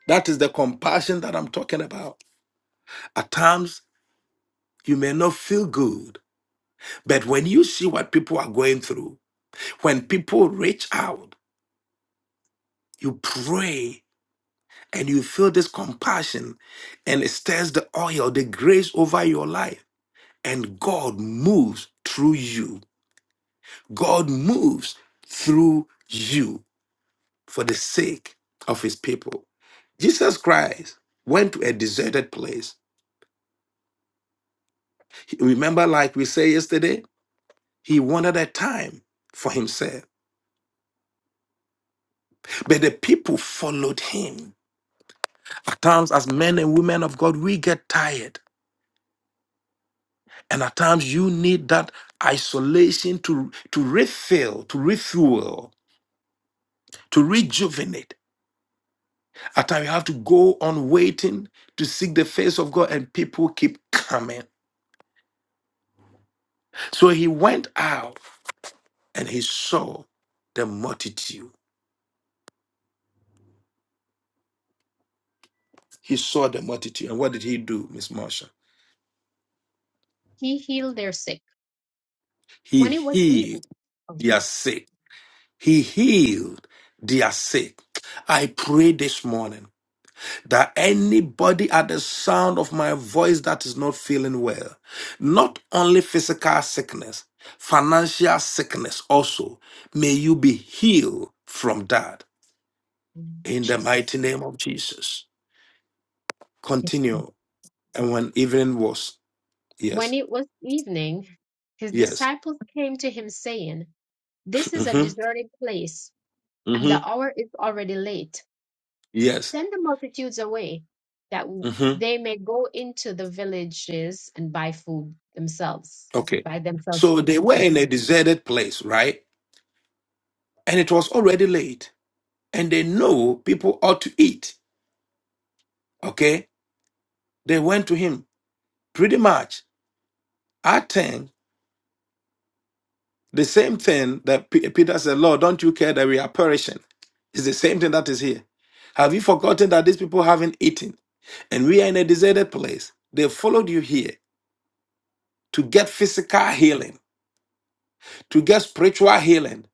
A: That is the compassion that I'm talking about. At times, you may not feel good, but when you see what people are going through, when people reach out, you pray and you feel this compassion and it stirs the oil, the grace over your life. And God moves through you. God moves through you for the sake of his people. Jesus Christ went to a deserted place. Remember, like we said yesterday, he wanted a time for himself, but the people followed him. At times, as men and women of God, we get tired And at times you need that isolation to, to refill, to refuel, to rejuvenate. At times you have to go on waiting to seek the face of God, and people keep coming. So he went out and he saw the multitude. He saw the multitude. And what did he do, Miss Marsha?
B: He healed their sick.
A: He
B: When it was
A: healed
B: evening, oh,
A: their
B: sorry.
A: sick. He healed their sick. I pray this morning. that anybody at the sound of my voice that is not feeling well, not only physical sickness, financial sickness also, may you be healed from that
B: Mm,
A: in the
B: Jesus.
A: mighty name of Jesus.
B: Yes, Lord.
A: Continue. And when evening was,
B: When
A: yes,
B: it was evening, his
A: yes,
B: disciples came to him saying, This is a
A: hmm
B: deserted place, and
A: hmm
B: the hour is already late
A: yes,
B: Send the multitudes away, that w-
A: hmm
B: they may go into the villages and buy food themselves,
A: okay.
B: buy themselves
A: So they
B: food.
A: were in a deserted place, right? And it was already late. And they know people ought to eat, okay? They went to him pretty much I think the same thing that P- Peter said, Lord, don't you care that we are perishing? It's the same thing that is here. Have you forgotten that these people haven't eaten and we are in a deserted place? They followed you here to get physical healing, to get spiritual healing,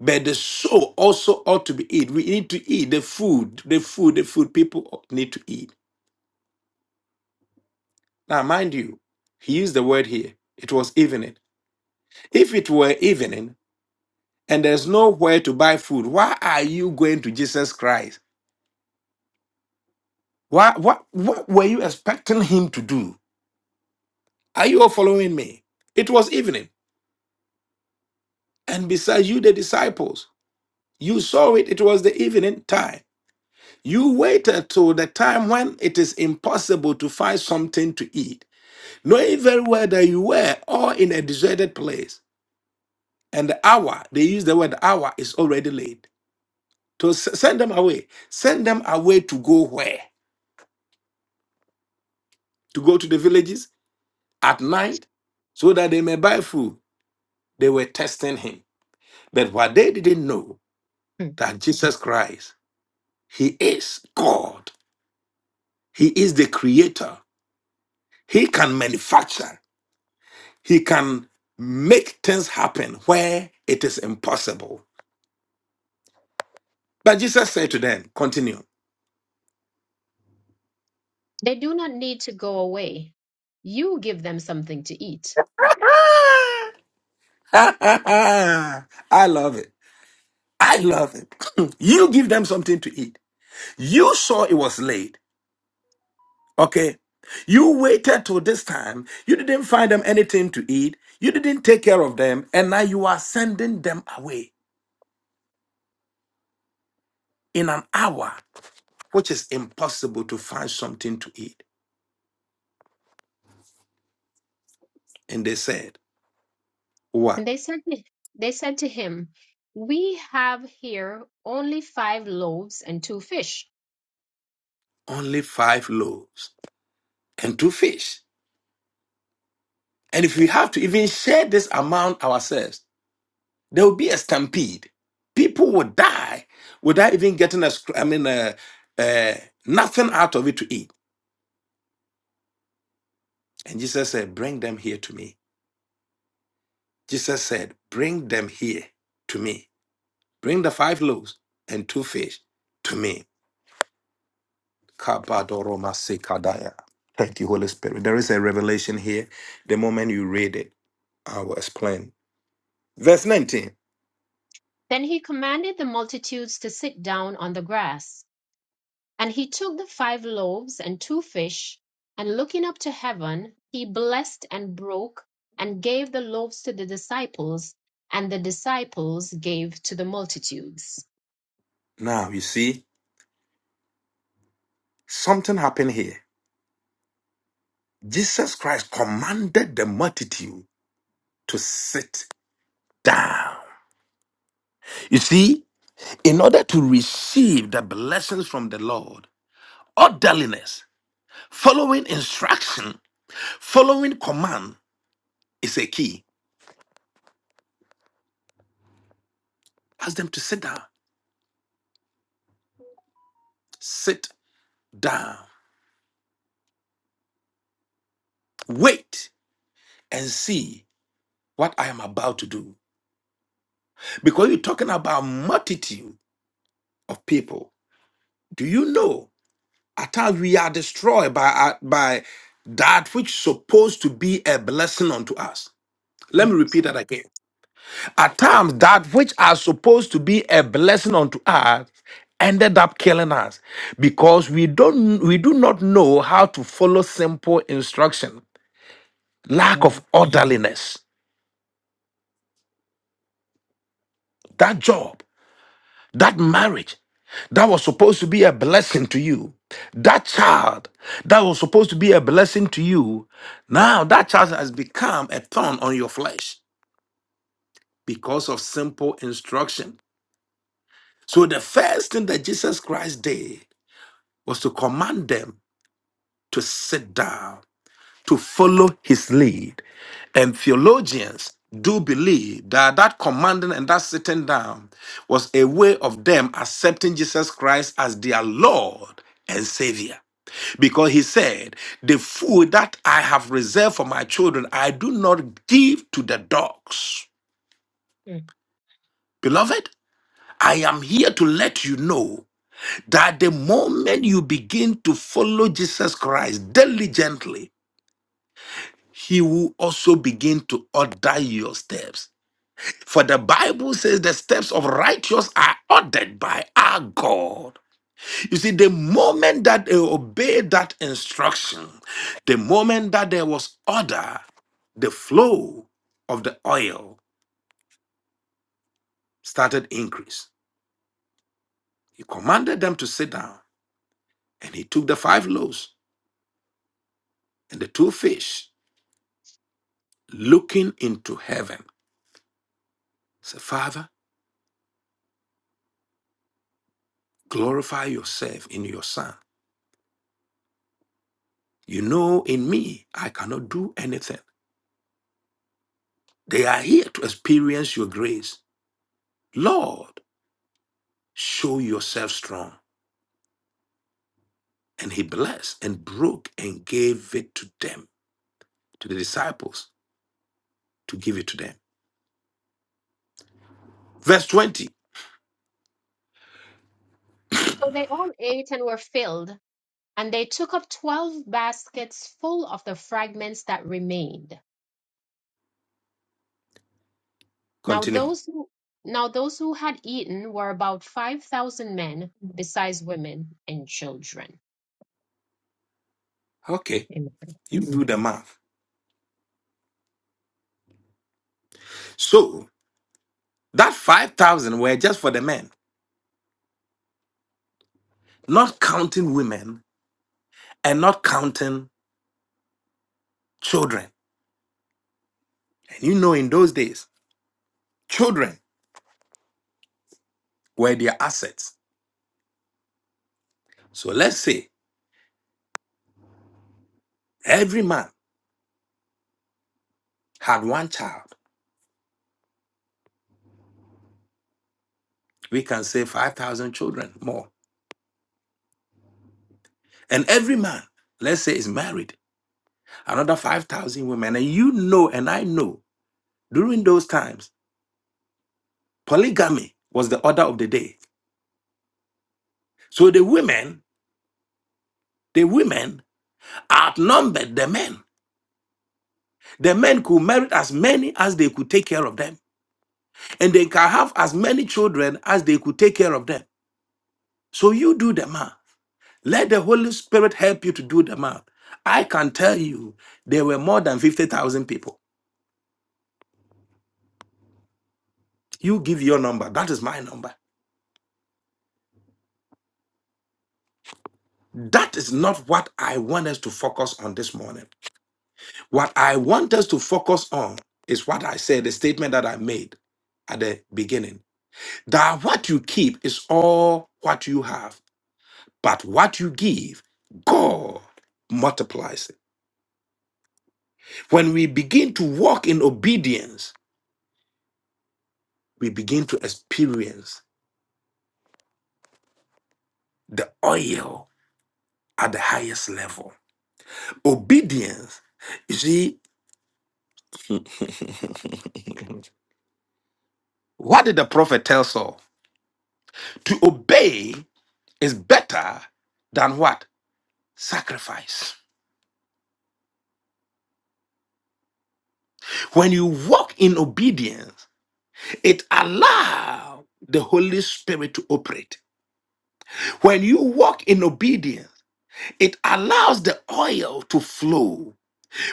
A: but the soul also ought to be eat. We need to eat the food, the food, the food people need to eat. Now, mind you, he used the word here. It was evening. If it were evening, and there's nowhere to buy food, why are you going to Jesus Christ? Why, what, what were you expecting him to do? Are you all following me? It was evening, and besides you, the disciples, you saw it, it was the evening time. You waited till the time when it is impossible to find something to eat, knowing very well that you were all in a deserted place. And the hour, they use the word hour, is already late. To s- send them away. Send them away to go where? To go to the villages? at night so that they may buy food. They were testing him. But what they didn't know
B: Hmm.
A: that Jesus Christ, he is God. He is the creator. He can manufacture. He can make things happen where it is impossible. But Jesus said to them, continue.
B: They do not need to go away. You give them something to eat.
A: (laughs) I love it. I love it. (laughs) (clears throat) you give them something to eat. You saw it was late. Okay. You waited till this time. You didn't find them anything to eat. You didn't take care of them. And now you are sending them away in an hour, which is impossible to find something to eat. And they said, What?
B: And they said, to- they said to him, We have here only five loaves and two fish.
A: Only five loaves and two fish. And if we have to even share this amount ourselves, there will be a stampede. People will die without even getting a, scr- I mean, uh, uh, nothing out of it to eat. And Jesus said, Bring them here to me. Jesus said, Bring them here to me. Bring the five loaves and two fish to me. Kabadoromasekadaya. Thank you, Holy Spirit. There is a revelation here. The moment you read it, I will explain. Verse 19.
B: Then he commanded the multitudes to sit down on the grass. And he took the five loaves and two fish, and looking up to heaven, he blessed and broke, and gave the loaves to the disciples, and the disciples gave to the multitudes.
A: Now, you see, something happened here. Jesus Christ commanded the multitude to sit down. You see, in order to receive the blessings from the Lord, orderliness, following instruction Following command is a key. Ask them to sit down, sit down, wait and see what I am about to do. Because you're talking about multitude of people. Do you know at times we are destroyed by, our- by that which supposed to be a blessing unto us? Let me
B: Yes.
A: repeat that again. At times, that which are supposed to be a blessing unto us ended up killing us because we don't we do not know how to follow simple instruction. Lack of
B: Sorry.
A: orderliness. That job, that marriage, that was supposed to be a blessing to you. That child that was supposed to be a blessing to you, now that child has become a thorn on your flesh because of simple instruction. So, the first thing that Jesus Christ did was to command them to sit down, to follow his lead. And theologians do believe that that commanding and that sitting down was a way of them accepting Jesus Christ as their Lord and Savior. Because he said, The food that I have reserved for my children, I do not give to the dogs.
B: Mm.
A: Beloved, I am here to let you know that the moment you begin to follow Jesus Christ diligently, he will also begin to order your steps. For the Bible says the steps of righteous are ordered by our God. You see, the moment that they obeyed that instruction, the moment that there was order, the flow of the oil started increase. He commanded them to sit down, and he took the five loaves and the two fish, looking into heaven. Say, Father, glorify yourself in your son You know, in me, I cannot do anything. They are here to experience your grace. Lord, show yourself strong. And he blessed and broke and gave it to them, to the disciples, to give it to them. Verse 20,
B: So they all ate and were filled, and they took up twelve baskets full of the fragments that remained. Now
A: continue.
B: those who now those who had eaten were about five thousand men, besides women and children.
A: Okay,
B: Amen.
A: you do the math. So that 5,000 were just for the men, not counting women and not counting children. And you know, in those days, children were their assets. So let's say every man had one child, we can say 5,000 children more. And every man, let's say, is married, another 5,000 women. And you know, and I know, during those times, polygamy was the order of the day. So the women, the women outnumbered the men. The men could marry as many as they could take care of them, and they can have as many children as they could take care of them. So you do the math. Let the Holy Spirit help you to do the math. I can tell you there were more than 50,000 people. You give your number. That is my number. That is not what I want us to focus on this morning. What I want us to focus on is what I said, the statement that I made at the beginning. That what you keep is all what you have, but what you give, God multiplies it. When we begin to walk in obedience, we begin to experience the oil at the highest level. Obedience, you see, what did the prophet tell Saul? To obey is better than what? Sacrifice. When you walk in obedience, it allows the Holy Spirit to operate. When you walk in obedience, it allows the oil to flow.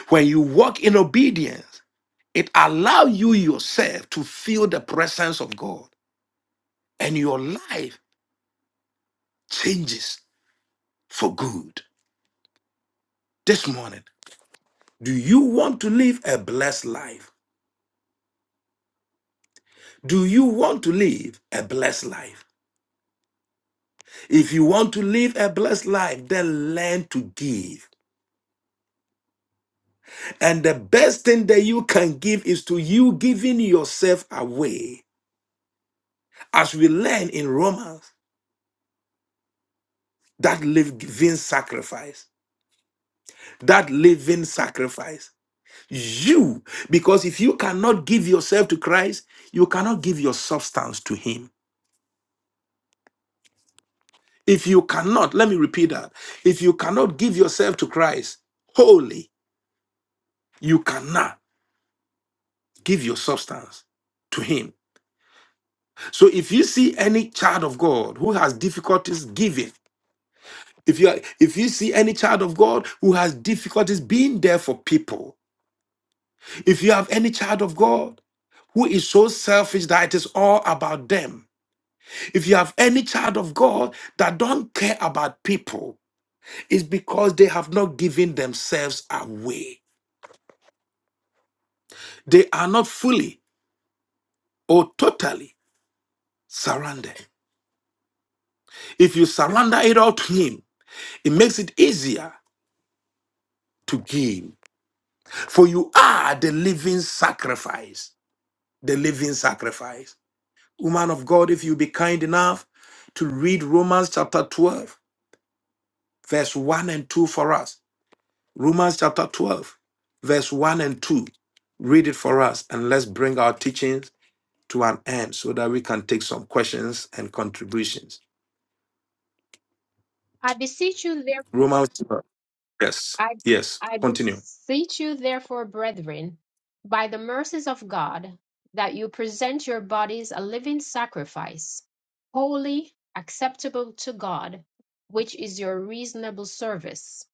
A: When you walk in obedience, it allows you yourself to feel the presence of God and your life changes for good. This morning, do you want to live a blessed life? Do you want to live a blessed life? If you want to live a blessed life, then learn to give. And the best thing that you can give is to you giving yourself away. As we learn in Romans, that living sacrifice, that living sacrifice. You, because if you cannot give yourself to Christ, you cannot give your substance to Him. If you cannot, let me repeat that. If you cannot give yourself to Christ wholly, you cannot. Give your substance to him. So if you see any child of God who has difficulties giving, if you are, if you see any child of God who has difficulties being there for people, if you have any child of God who is so selfish that it is all about them, if you have any child of God that don't care about people, it's because they have not given themselves away. They are not fully or totally surrendered. If you surrender it all to him, it makes it easier to give. For you are the living sacrifice. The living sacrifice. Woman of God, if you be kind enough to read Romans chapter 12, verse 1 and 2 for us. Romans chapter 12, verse 1 and 2. Read it for us and let's bring our teachings to an end so that we can take some questions and contributions.
B: I beseech you, therefore.
A: Romans 12. Yes,
B: I,
A: yes,
B: I
A: continue.
B: beseech you, therefore, brethren, by the mercies of God, that you present your bodies a living sacrifice, holy, acceptable to God, which is your reasonable service.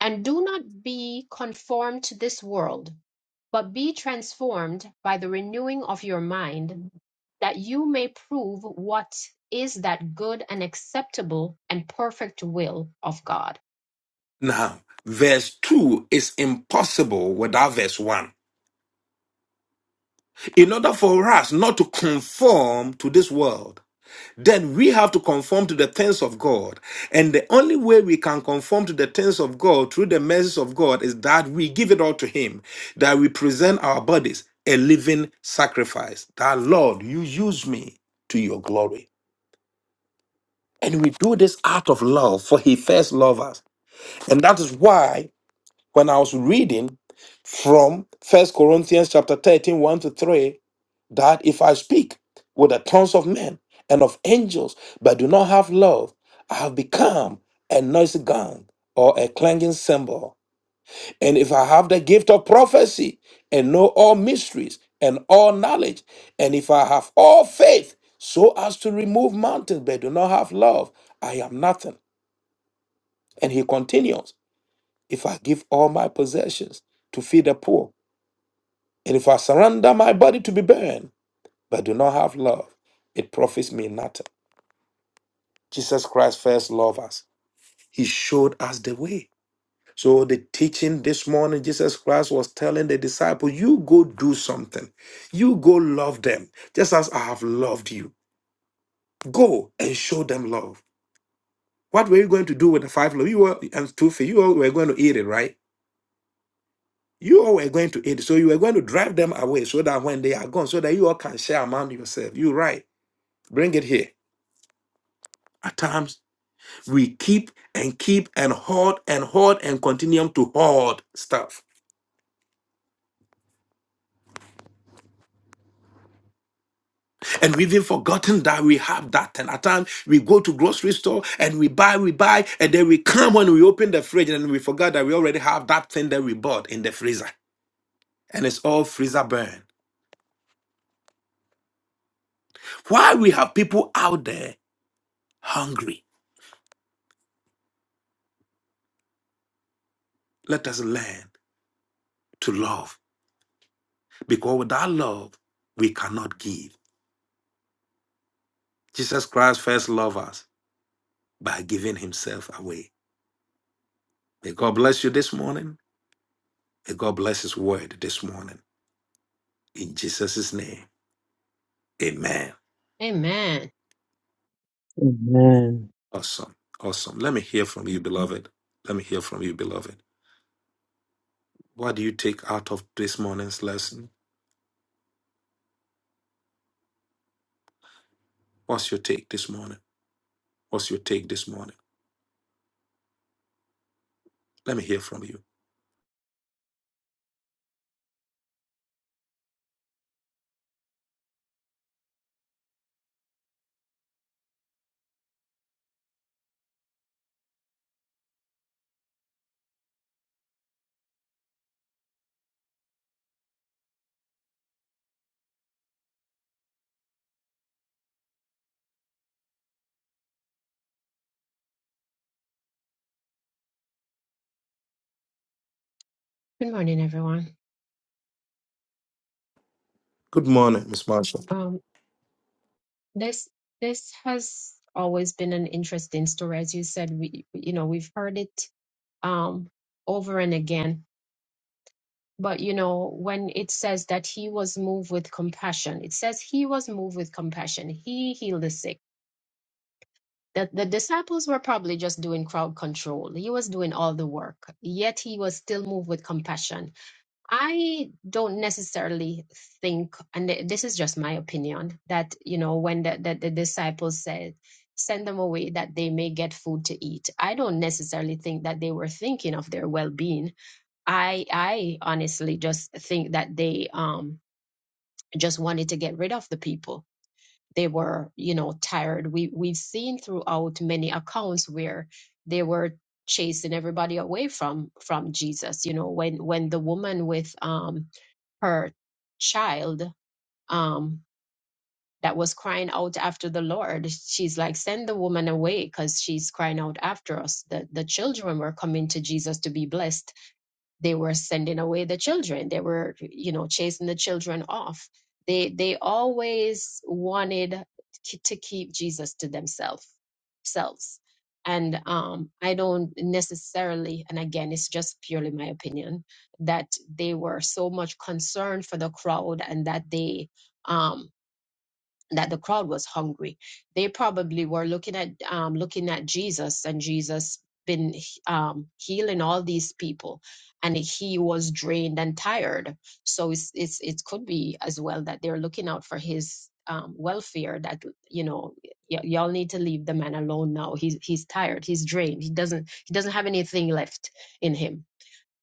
B: And do not be conformed to this world, but be transformed by the renewing of your mind, that you may prove what is that good and acceptable and perfect will of God.
A: Now, verse 2 is impossible without verse 1. in order for us not to conform to this world, then we have to conform to the things of God. And the only way we can conform to the things of God through the mercies of God is that we give it all to Him, that we present our bodies a living sacrifice. That Lord, you use me to your glory. And we do this out of love, for He first loved us. And that is why when I was reading from First Corinthians chapter thirteen, one to 3, that if I speak with the tongues of men and of angels, but do not have love, I have become a noisy gong or a clanging cymbal. And if I have the gift of prophecy and know all mysteries and all knowledge, and if I have all faith so as to remove mountains, but do not have love, I am nothing. And he continues, if I give all my possessions to feed the poor, and if I surrender my body to be burned, but do not have love, it profits me nothing. Jesus Christ first loved us. He showed us the way. So the teaching this morning, Jesus Christ was telling the disciples, you go do something. You go love them, just as I have loved you. Go and show them love. What were you going to do with the five loaves? You were and two fish. You all were going to eat it, right? You all were going to eat it. So you were going to drive them away so that when they are gone, so that you all can share among yourselves. You're right. Bring it here. At times we keep and keep and hoard and hoard and continue to hoard stuff. And we've even forgotten that we have that. And at times we go to grocery store and we buy, we buy, and then we come when we open the fridge and we forgot that we already have that thing that we bought in the freezer. And it's all freezer burn. Why we have people out there hungry? Let us learn to love. Because without love, we cannot give. Jesus Christ first loved us by giving himself away. May God bless you this morning. May God bless His word this morning. In Jesus' name, amen.
B: Amen.
C: Amen.
A: Awesome. Awesome. Let me hear from you, beloved. Let me hear from you, beloved. What do you take out of this morning's lesson? What's your take this morning? What's your take this morning? Let me hear from you.
B: Good morning, everyone.
A: Good morning, Miss Marsha.
B: Um, this this has always been an interesting story, as you said. We you know we've heard it um, over and again. But you know when it says that he was moved with compassion, it says he was moved with compassion. He healed the sick. That the the disciples were probably just doing crowd control. He was doing all the work, yet he was still moved with compassion I don't necessarily think, and th- this is just my opinion, that you know when the, the, the disciples said, "Send them away that they may get food to eat." I don't necessarily think that they were thinking of their well-being. I I honestly just think that they um just wanted to get rid of the people. They were you know tired. We we've seen throughout many accounts where they were chasing everybody away from from Jesus. You know when when the woman with um her child um, that was crying out after the Lord. She's like, send the woman away because she's crying out after us. The, the children were coming to Jesus to be blessed they were sending away the children they were you know chasing the children off they they always wanted k- to keep jesus to themselves selves and um i don't necessarily and again it's just purely my opinion that they were so much concerned for the crowd and that they um that the crowd was hungry. They probably were looking at um, looking at Jesus and Jesus been um, healing all these people, and he was drained and tired. So it's, it's it could be as well that they're looking out for his um, welfare. That you know, y- y'all need to leave the man alone now. He's he's tired. He's drained. He doesn't he doesn't have anything left in him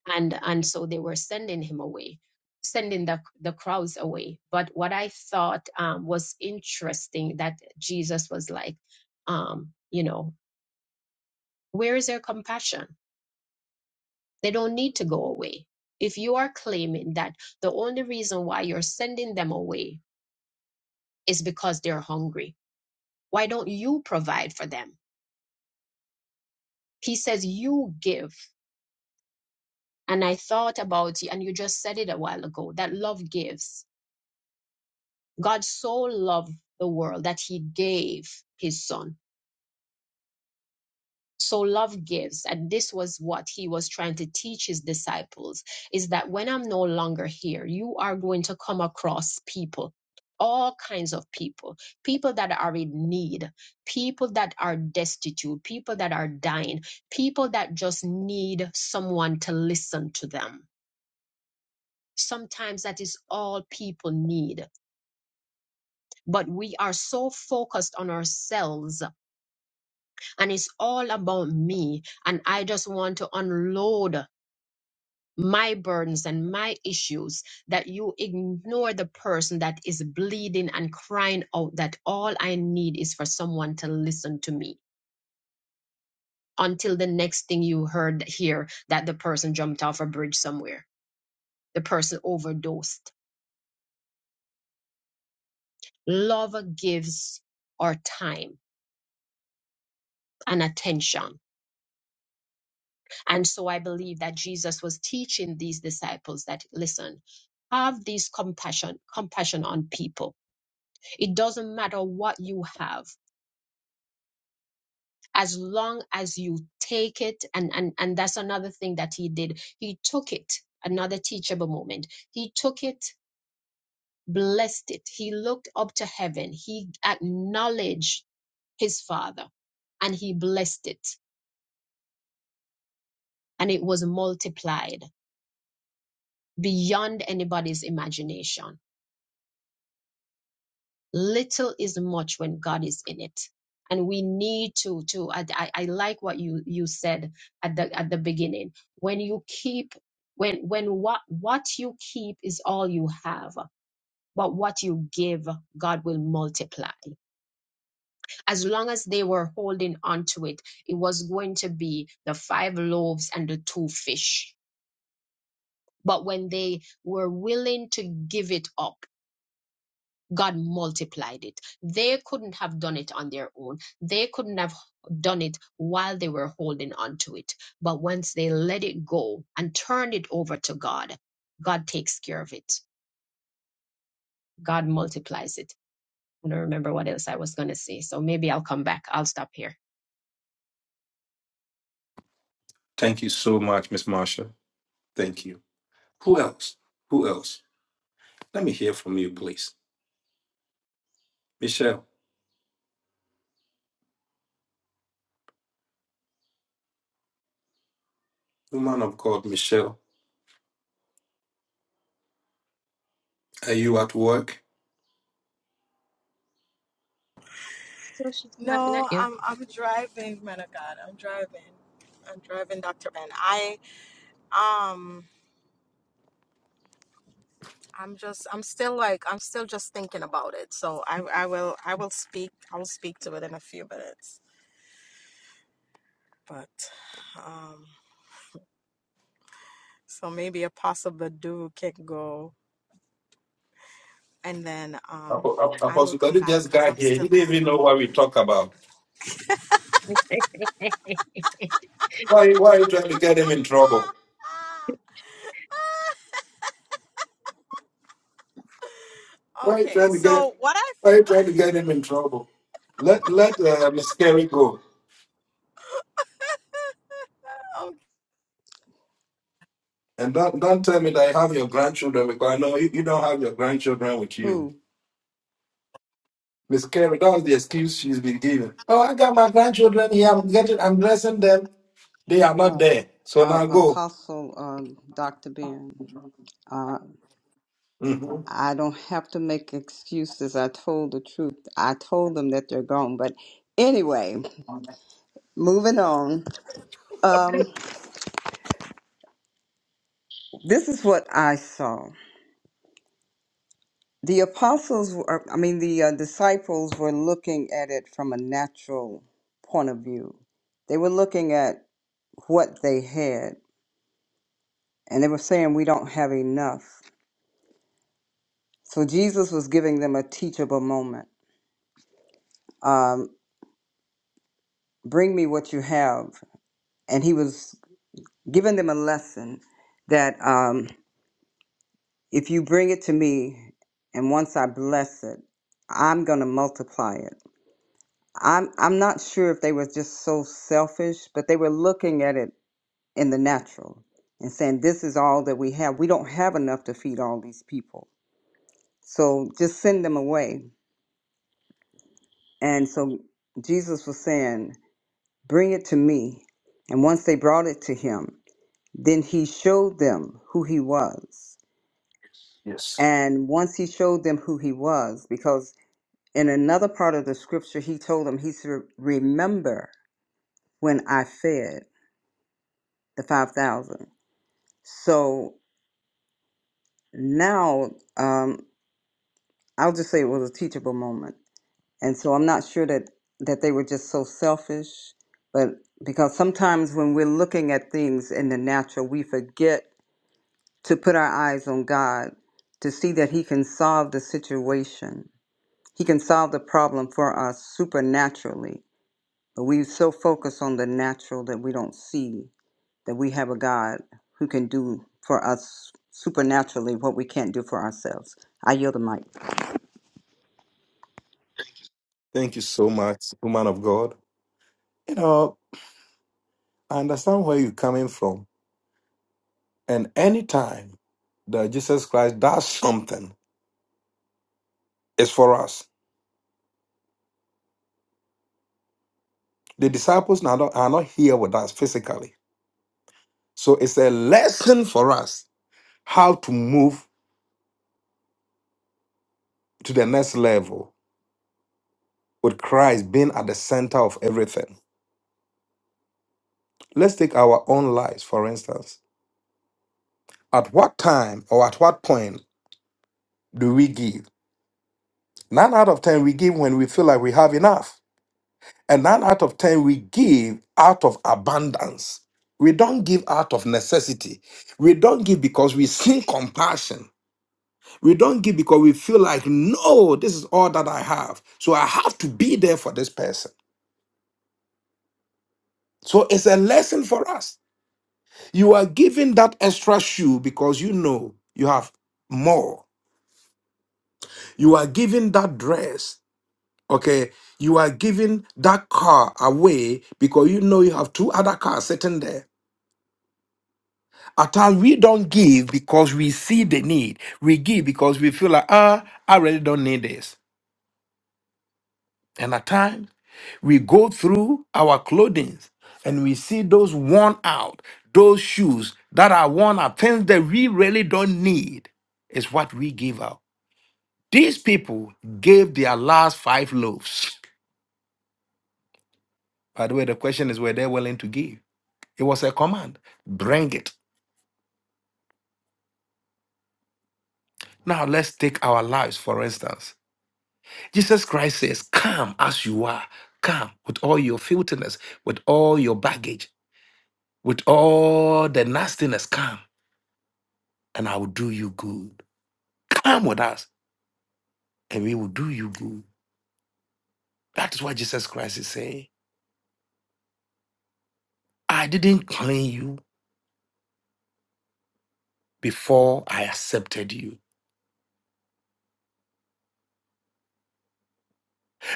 B: and and so they were sending him away sending the, the crowds away but what i thought um, was interesting that jesus was like um, you know where is their compassion they don't need to go away if you are claiming that the only reason why you're sending them away is because they're hungry why don't you provide for them he says you give and i thought about you and you just said it a while ago that love gives God so loved the world that he gave his son. So love gives. And this was what he was trying to teach his disciples is that when I'm no longer here, you are going to come across people, all kinds of people, people that are in need, people that are destitute, people that are dying, people that just need someone to listen to them. Sometimes that is all people need, but we are so focused on ourselves and it's all about me. And I just want to unload my burdens and my issues that you ignore the person that is bleeding and crying out that all I need is for someone to listen to me until the next thing you heard here that the person jumped off a bridge somewhere, the person overdosed. Love gives our time and attention. And so I believe that Jesus was teaching these disciples that listen, have this compassion, compassion on people. It doesn't matter what you have, as long as you take it. And, and, and that's another thing that he did. He took it, another teachable moment. He took it, blessed it. He looked up to heaven. He acknowledged his father and he blessed it and it was multiplied beyond anybody's imagination little is much when God is in it. And we need to to I, I, I like what you you said at the at the beginning. When you keep when when what what you keep is all you have, but what you give, God will multiply. As long as they were holding on to it, it was going to be the five loaves and the two fish. But when they were willing to give it up, God multiplied it. They couldn't have done it on their own. They couldn't have done it while they were holding on to it. But once they let it go and turned it over to God, God takes care of it. God multiplies it. I don't remember what else I was going to say. So maybe I'll come back. I'll stop here.
A: Thank you so much, Miss Marsha. Thank you. Who else? Who else? Let me hear from you, please. Michelle, woman of God, Michelle, are you at work?
B: Oh, She's laughing at
D: No,
B: you. (laughs)
D: I'm I'm driving, man of God. I'm driving. I'm driving, Dr. Ben. I um I'm just I'm still like I'm still just thinking about it. So I I will I will speak I will speak to it in a few minutes. But um so maybe Apostle Badu can go and then um I will
A: Apostle but
D: come
A: Badu
D: back
A: just
D: because
A: got
D: I'm
A: here. He
D: still
A: didn't even know what we talk about. Why, why are you trying to get him in trouble?
D: (laughs)
A: Why are you
D: okay.
A: trying to get
D: So what I
A: why are you
D: (laughs)
A: trying to get him in trouble? Let let uh, Miss Carey go.
D: oh
A: And don't don't tell me that you have your grandchildren because I know you, you don't have your grandchildren with you.
E: Who?
A: Miss Carey, that was the excuse she's been given. Oh, I got my grandchildren here. I'm getting I'm dressing them. They are
E: Uh,
A: not there. So
E: uh,
A: now go.
E: Apostle uh, Dr. Ben. Uh,
A: Mhm.
E: I don't have to make excuses. I told the truth. I told them that they're gone. But anyway, moving on. Um, this is what I saw. The apostles, were, I mean, the uh, disciples were looking at it from a natural point of view. They were looking at what they had, and they were saying, We don't have enough. So Jesus was giving them a teachable moment. Um, bring me what you have. And he was giving them a lesson that um, if you bring it to me, and once I bless it, I'm going to multiply it. I'm, I'm not sure if they were just so selfish, but they were looking at it in the natural and saying, This is all that we have. We don't have enough to feed all these people. So just send them away. And so Jesus was saying, Bring it to me. And once they brought it to him, Then he showed them who he was.
A: Yes.
E: And once he showed them who he was, because in another part of the scripture, he told them, he said, Remember when I fed the 5,000. So now um, I'll just say it was a teachable moment. And so I'm not sure that, that they were just so selfish, but because sometimes when we're looking at things in the natural, we forget to put our eyes on God to see that He can solve the situation He can solve the problem for us supernaturally. But we so focus on the natural that we don't see that we have a God who can do for us supernaturally what we can't do for ourselves. I yield the mic.
A: Thank you so much, woman of God. You know, I understand where you're coming from. And anytime that Jesus Christ does (laughs) something It's for us. The disciples are not, are not here with us physically. So it's a lesson for us how to move to the next level with Christ being at the center of everything. Let's take our own lives, for instance. At what time or at what point do we give? Nine out of 10, we give when we feel like we have enough. And nine out of 10, we give out of abundance. We don't give out of necessity. We don't give because we see compassion. We don't give because we feel like, no, this is all that I have. So I have to be there for this person. So it's a lesson for us. You are giving that extra shoe because you know you have more. You are giving that dress, okay? You are giving that car away because you know you have two other cars sitting there. At times we don't give because we see the need. We give because we feel like, ah, I really don't need this. And at times, we go through our clothing and we see those worn out, those shoes that are worn out, things that we really don't need, is what we give out. These people gave their last five loaves. By the way, the question is were they willing to give? It was a command bring it. Now, let's take our lives, for instance. Jesus Christ says, Come as you are, come with all your filthiness, with all your baggage, with all the nastiness, come. and I will do you good. Come with us and we will do you good. That is what Jesus Christ is saying. I didn't clean you before I accepted you.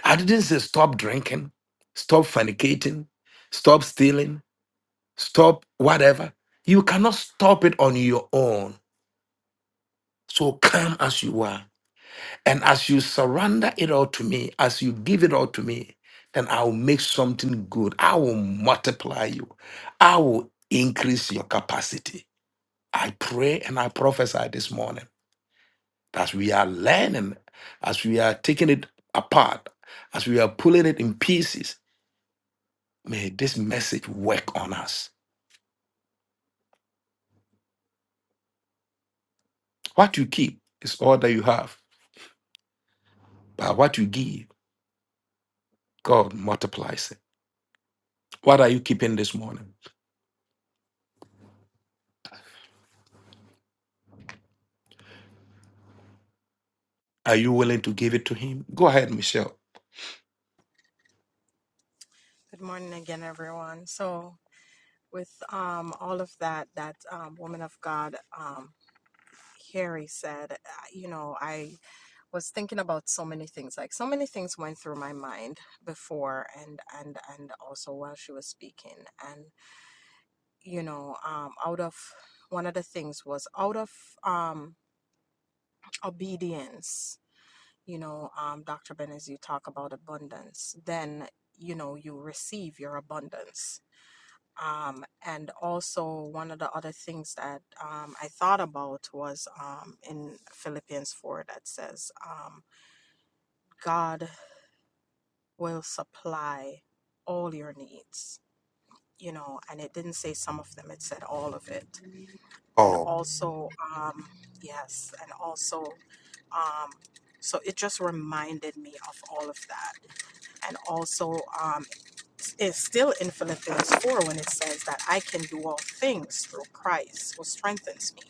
A: I didn't say stop drinking, stop fornicating, stop stealing, stop whatever. You cannot stop it on your own. So come as you are. And as you surrender it all to me, as you give it all to me, then I will make something good. I will multiply you. I will increase your capacity. I pray and I prophesy this morning as we are learning, as we are taking it apart, as we are pulling it in pieces, may this message work on us. What you keep is all that you have, but what you give, God multiplies it. What are you keeping this morning? Are you willing to give it to Him? Go ahead, Michelle.
D: good morning again everyone. So with um, all of that that um, woman of god um, harry said uh, you know i was thinking about so many things like so many things went through my mind before and and and also while she was speaking and you know um, out of one of the things was out of um, obedience you know um, dr Benes, you talk about abundance then you know you receive your abundance Um, and also, one of the other things that um, I thought about was um, in Philippians 4 that says, um, God will supply all your needs, you know, and it didn't say some of them, it said all of it. And
A: Oh,
D: also, um, yes, and also, um, so it just reminded me of all of that. And also, um, it's, it's still in Philippians 4 when it says that I can do all things through Christ who strengthens me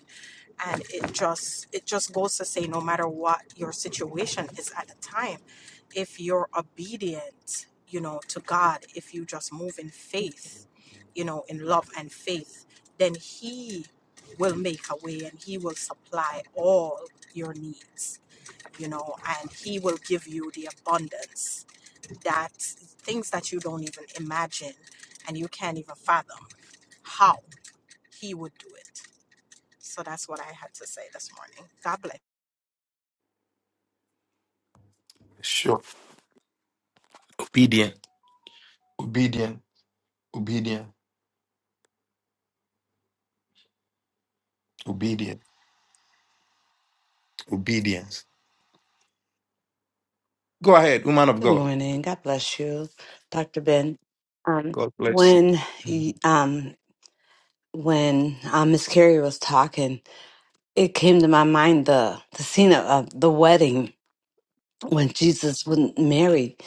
D: and it just it just goes to say no matter what your situation is at the time if you're obedient you know to god if you just move in faith you know in love and faith then he will make a way and he will supply all your needs you know and he will give you the abundance that things that you don't even imagine and you can't even fathom how he would do it so that's what I had to say this morning. God bless.
A: sure. Obedient, obedient, obedient, obedient, obedience. Go ahead, woman of
F: Good
A: God.
F: morning. God bless you, Dr. Ben. Um,
A: God bless
F: when
A: you.
F: y- um, when uh, Miss Carrie was talking, it came to my mind the the scene of, of the wedding when Jesus wouldn't marry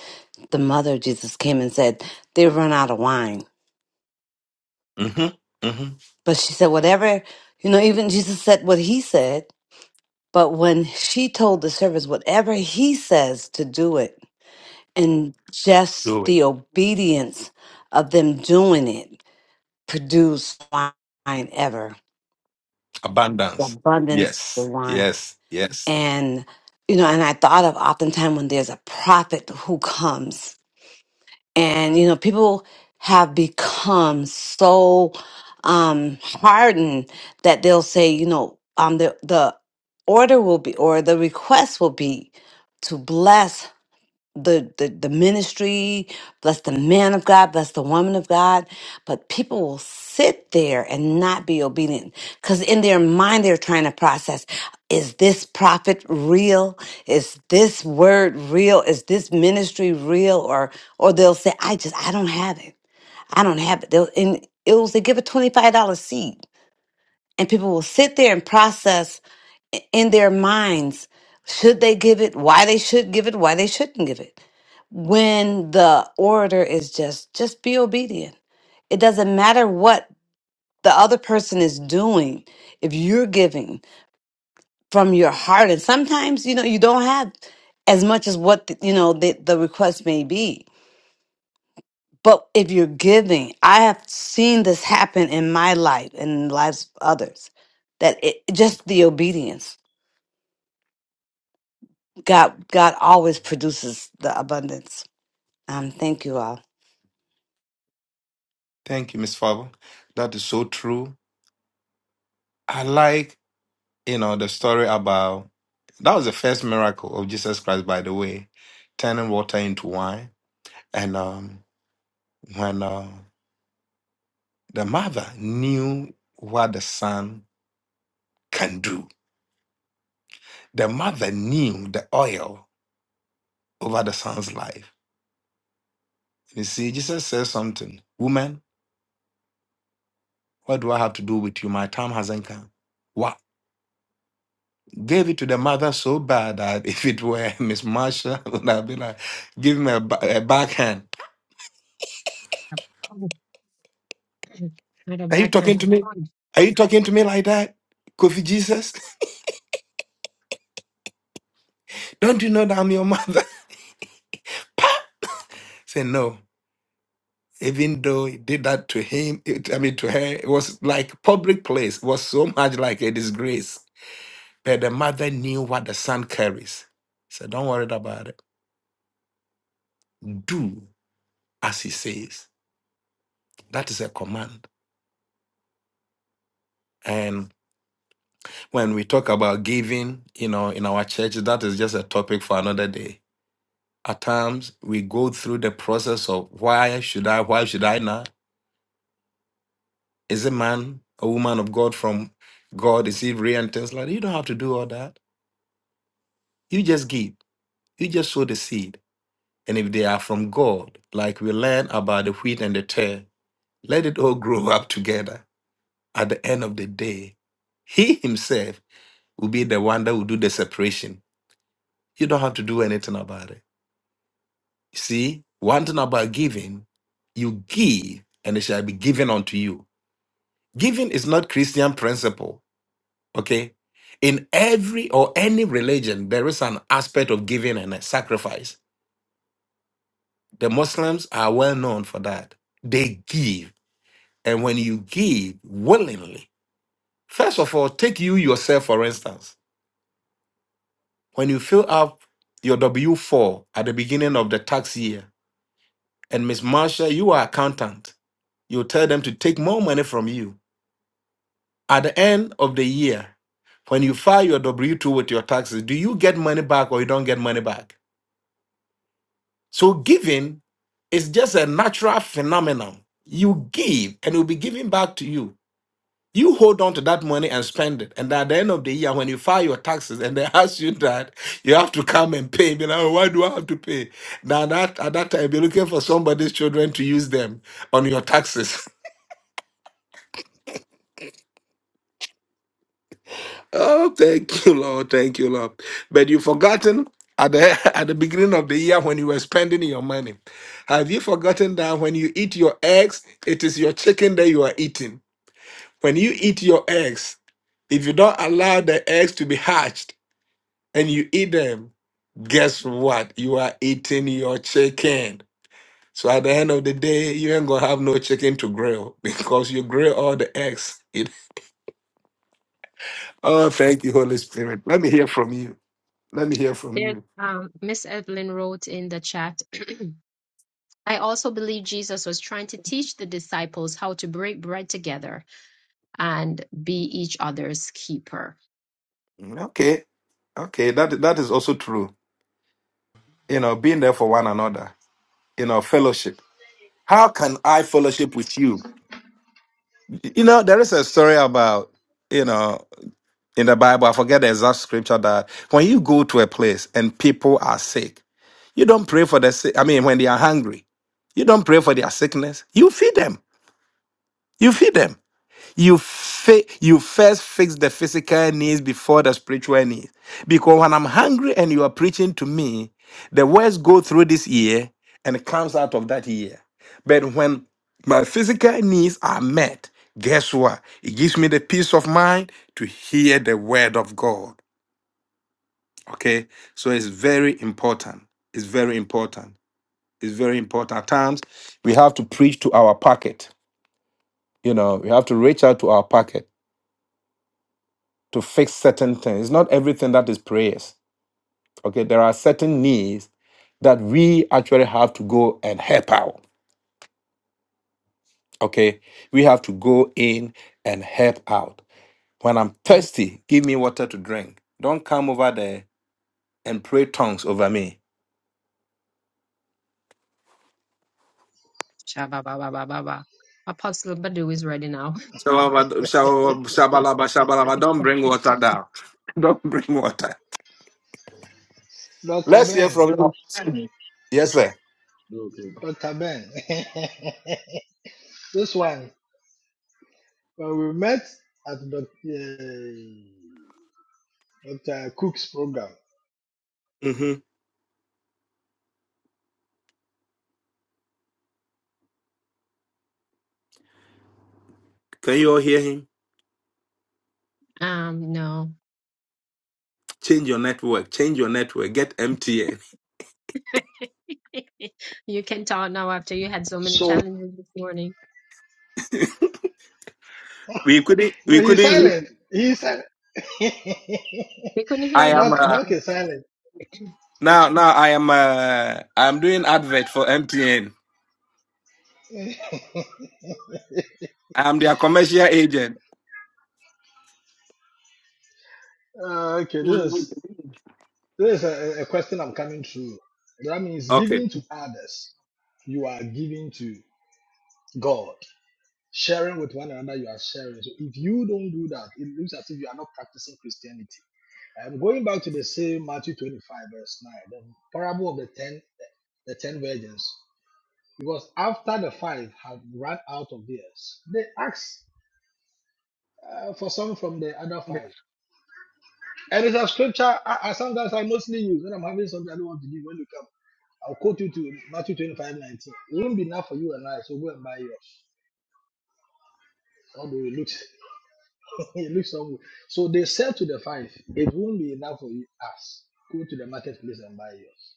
F: the mother. of Jesus came and said they run out of wine,
A: hmm hmm
F: but she said whatever you know. Even Jesus said what he said, but when she told the servants whatever he says to do it, and just the obedience of them doing it produce wine ever, the
A: Abundance.
F: abundance of
A: Yes,
F: wine.
A: yes, yes.
F: And, you know, and I thought of oftentimes when there's a prophet who comes and, you know, people have become so um, hardened that they'll say, you know, um, the, the order will be, or the request will be to bless the, the the ministry, bless the man of God, bless the woman of God, but people will sit there and not be obedient because in their mind they're trying to process: Is this prophet real? Is this word real? Is this ministry real? Or or they'll say, "I just I don't have it. I don't have it." They'll and it was they give a twenty five dollar seed, and people will sit there and process in their minds should they give it, why they should give it, why they shouldn't give it. When the orator is just just be obedient. It doesn't matter what the other person is doing. If you're giving from your heart and sometimes you know you don't have as much as what the, you know the, the request may be. But if you're giving, I have seen this happen in my life and in the lives of others that it just the obedience God, God always produces the abundance. Um, thank you all.
A: Thank you, Miss Favre. That is so true. I like, you know, the story about that was the first miracle of Jesus Christ, by the way, turning water into wine. And um, when uh, the mother knew what the son can do, the mother knew the oil over the son's life. You see, Jesus says something, Woman, what do I have to do with you? My time hasn't come. Why? gave it to the mother so bad that (laughs) if it were (laughs) Miss Marsha, (laughs) would have been like, give him a, ba- a backhand.
B: A pun. Not a
A: Are you talking
B: backhand,
A: to
B: a
A: me?
B: pun.
A: Are you talking to me like that? Kofi Jesus, (laughs) don't you know that I'm your mother? (laughs) Say no. Even though he did that to him, it, I mean to her, it was like public place. It was so much like a disgrace. But the mother knew what the son carries. So don't worry about it. Do as he says. That is a command. and. when we talk about giving, you know, in our church, that is just a topic for another day. At times, we go through the process of why should I, why should I not? Is a man, a woman of God from God, is he real and things like that? You don't have to do all that. You just give. You just sow the seed. And if they are from God, like we learn about the wheat and the tare, let it all grow up together. At the end of the day, he himself will be the one that will do the separation. You don't have to do anything about it. See, one thing about giving, you give and it shall be given unto you. Giving is not Christian principle, okay? In every or any religion, there is an aspect of giving and a sacrifice. The Muslims are well known for that. They give. And when you give willingly, first of all, take you yourself, for instance. When you fill up your W 4 at the beginning of the tax year, and Miss Marsha, you are accountant, you tell them to take more money from you At the end of the year, when you file your W 2 with your taxes, do you get money back or you don't get money back? So, giving is just a natural phenomenon. You give and it will be given back to you. You hold on to that money and spend it. And at the end of the year, when you file your taxes and they (laughs) ask you that, you have to come and pay. Be like, "Oh, why do I have to pay? Now, that, at that time, you're looking for somebody's children to use them on your taxes. (laughs) Oh, thank (laughs) you, Lord. Thank you, Lord. But you've forgotten at the (laughs) at the beginning of the year when you were spending your money. Have you forgotten that when you eat your eggs, it is your chicken that you are eating? When you eat your eggs, if you don't allow the eggs to be hatched and you eat them, guess what? You are eating your chicken. So at the end of the day, you ain't gonna have no chicken to grill (laughs) because you grill all the eggs. (laughs) oh, thank you, Holy Spirit. Let me hear from you. Let me hear from
B: There's,
A: you.
B: um, Miss Evelyn wrote in the chat (clears throat) I also believe Jesus was trying to teach the disciples how to break bread together and be each other's keeper.
A: Mm, Okay. Okay, that that is also true. You know, being there for one another. You know, fellowship. How can I fellowship with you? You know, there is a story about you know in the Bible. I forget the exact scripture that when you go to a place and people are sick, you don't pray for the sick. I mean, when they are hungry, you don't pray for their sickness. You feed them. You feed them. You fi- you first fix the physical needs before the spiritual needs. Because when I'm hungry and you are preaching to me, the words go through this ear and comes out of that ear. But when my physical needs are met, guess what? It gives me the peace of mind to hear the word of God. Okay? So it's very important. It's very important. It's very important. At times, we have to preach to our pocket. You know, we have to reach out to our pocket to fix certain things. It's not everything that is prayers. Okay, there are certain needs that we actually have to go and help out. Okay, we have to go in and help out. When I'm thirsty, give me water to drink. Don't come over there and pray tongues over me.
B: Shabba-ba-ba-ba-ba-ba. Apostle Badu is ready now.
A: Shabba-
G: (laughs)
A: shabba- Shabalaba, shabalaba. Don't bring water
B: (laughs)
A: down. (laughs) Don't bring water.
G: Dr.
A: Let's hear from
G: Ben,
A: you. Yes, sir.
H: Okay.
G: Dr. Ben. (laughs) this one, when we met at Dr. Uh, Dr. Cook's program.
A: hmm Can you all hear him?
B: Um, no.
A: Change your network. Change your network. Get MTN.
B: (laughs) You can talk now after you had so many
G: So,
B: challenges this morning.
A: We couldn't.
G: no,
A: We
G: he's
A: couldn't.
G: silent. He's silent. (laughs)
B: We couldn't
A: I
B: hear
A: am
B: you,
G: Doc,
A: uh,
G: Doc
B: Apostle.
G: is silent.
A: now now I am uh, I'm doing advert for MTN.
G: (laughs)
A: I'm their commercial agent.
G: Uh, okay, this is this is a, a question I'm coming through. That means
A: Okay.
G: giving to others, you are giving to God. Sharing with one another, you are sharing. So if you don't do that, it looks as if you are not practicing Christianity. I'm going back to the same Matthew 25, verse 9, the parable of the ten the ten virgins. Because after the five had run out of theirs, they asked uh, for some from the other five. And it's a scripture I, I sometimes I mostly use when I'm having something I don't want to give when you come. I'll quote you to Matthew 25:19. It won't be enough for you and I, so go and buy yours. Although it looks (laughs) it looks somewhere. So they said to the five, It won't be enough for you, us. Go to the marketplace and buy yours.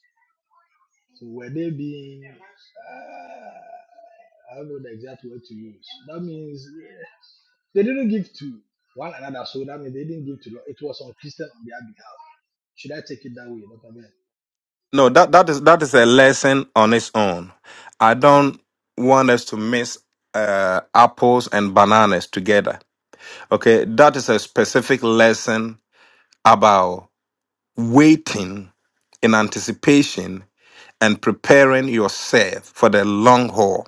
G: So were they being, uh, I don't know the exact word to use. That means eh, they didn't give to one another. So that means they didn't give to Lord. It was on Christian on their behalf. Should I take it that way? Dr. Ben?
A: No, that that is that is a lesson on its own. I don't want us to mix uh, apples and bananas together. Okay, that is a specific lesson about waiting in anticipation and preparing yourself for the long haul.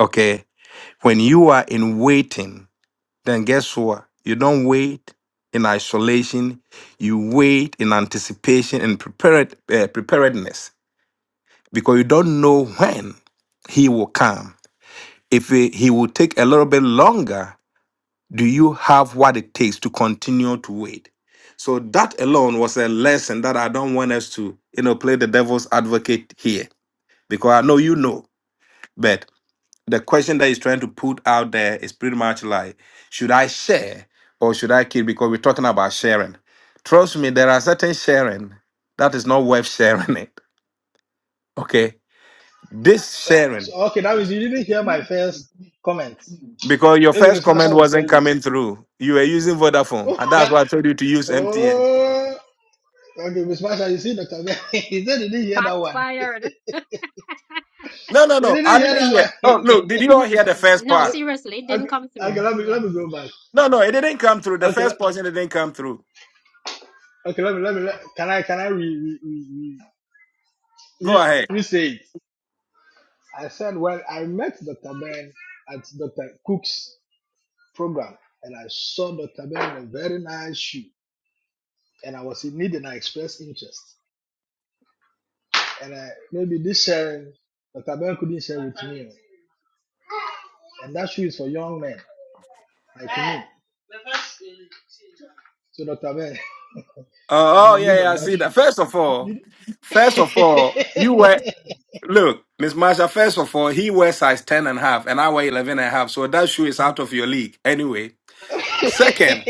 A: Okay, when you are in waiting then guess what? You don't wait in isolation. You wait in anticipation and prepared, uh, preparedness because you don't know when he will come. If he he will take a little bit longer, do you have what it takes to continue to wait? So that alone was a lesson that I don't want us to, you know, play the devil's advocate here because I know you know. but the question that he's trying to put out there is pretty much like, should I share or should I keep? Because we're talking about sharing. Trust me, there are certain sharing that is not worth sharing it. Okay. This
G: Oh, so,
A: sharing,
G: okay, that means you didn't hear my first comment.
A: because your
G: Maybe
A: first
G: Miss Marsha
A: comment
G: will tell
A: wasn't
G: you.
A: coming through. You were using Vodafone, and that's
G: (laughs)
A: why I told you to use MTN.
G: oh, okay, Miss Marsha, you see, Dr. Ben, (laughs) he said he didn't hear that
B: Shots
G: one.
B: fired. (laughs)
A: No, no,
G: He
A: no.
G: didn't
A: I
G: hear
A: didn't
G: that
A: hear.
G: one.
A: Oh, no. Did you all
B: No,
A: hear the
B: (clears throat)
A: first
B: no,
A: part?
B: seriously,
G: (laughs)
B: it didn't
G: okay,
B: come
G: okay,
B: through.
G: let me,
B: Yeah.
G: let
B: (laughs)
G: me go back.
A: No, no. It didn't come through. The
G: Okay, let,
A: first portion didn't come through.
G: Okay, let me let me let, can I can I re re re,
A: Go
G: re, re
A: ahead.
G: say it? I said well I met Dr. Ben at Dr. Cook's program and I saw Dr. Ben in a very nice shoe and I was in need and I expressed interest. And I maybe this sharing Dr. Ben couldn't share with me. And that shoe is for young men like me. So Dr. Ben, (laughs)
A: Uh,
G: I'm
A: oh,
G: in need
A: yeah, yeah.
G: of
A: I
G: that
A: see that.
G: shoe. (laughs)
A: First of all, First of all, you were Look, Miss Marsha, first of all, he wears size 10 and a half, and I wear 11 and a half, So that shoe is out of your league anyway. Second,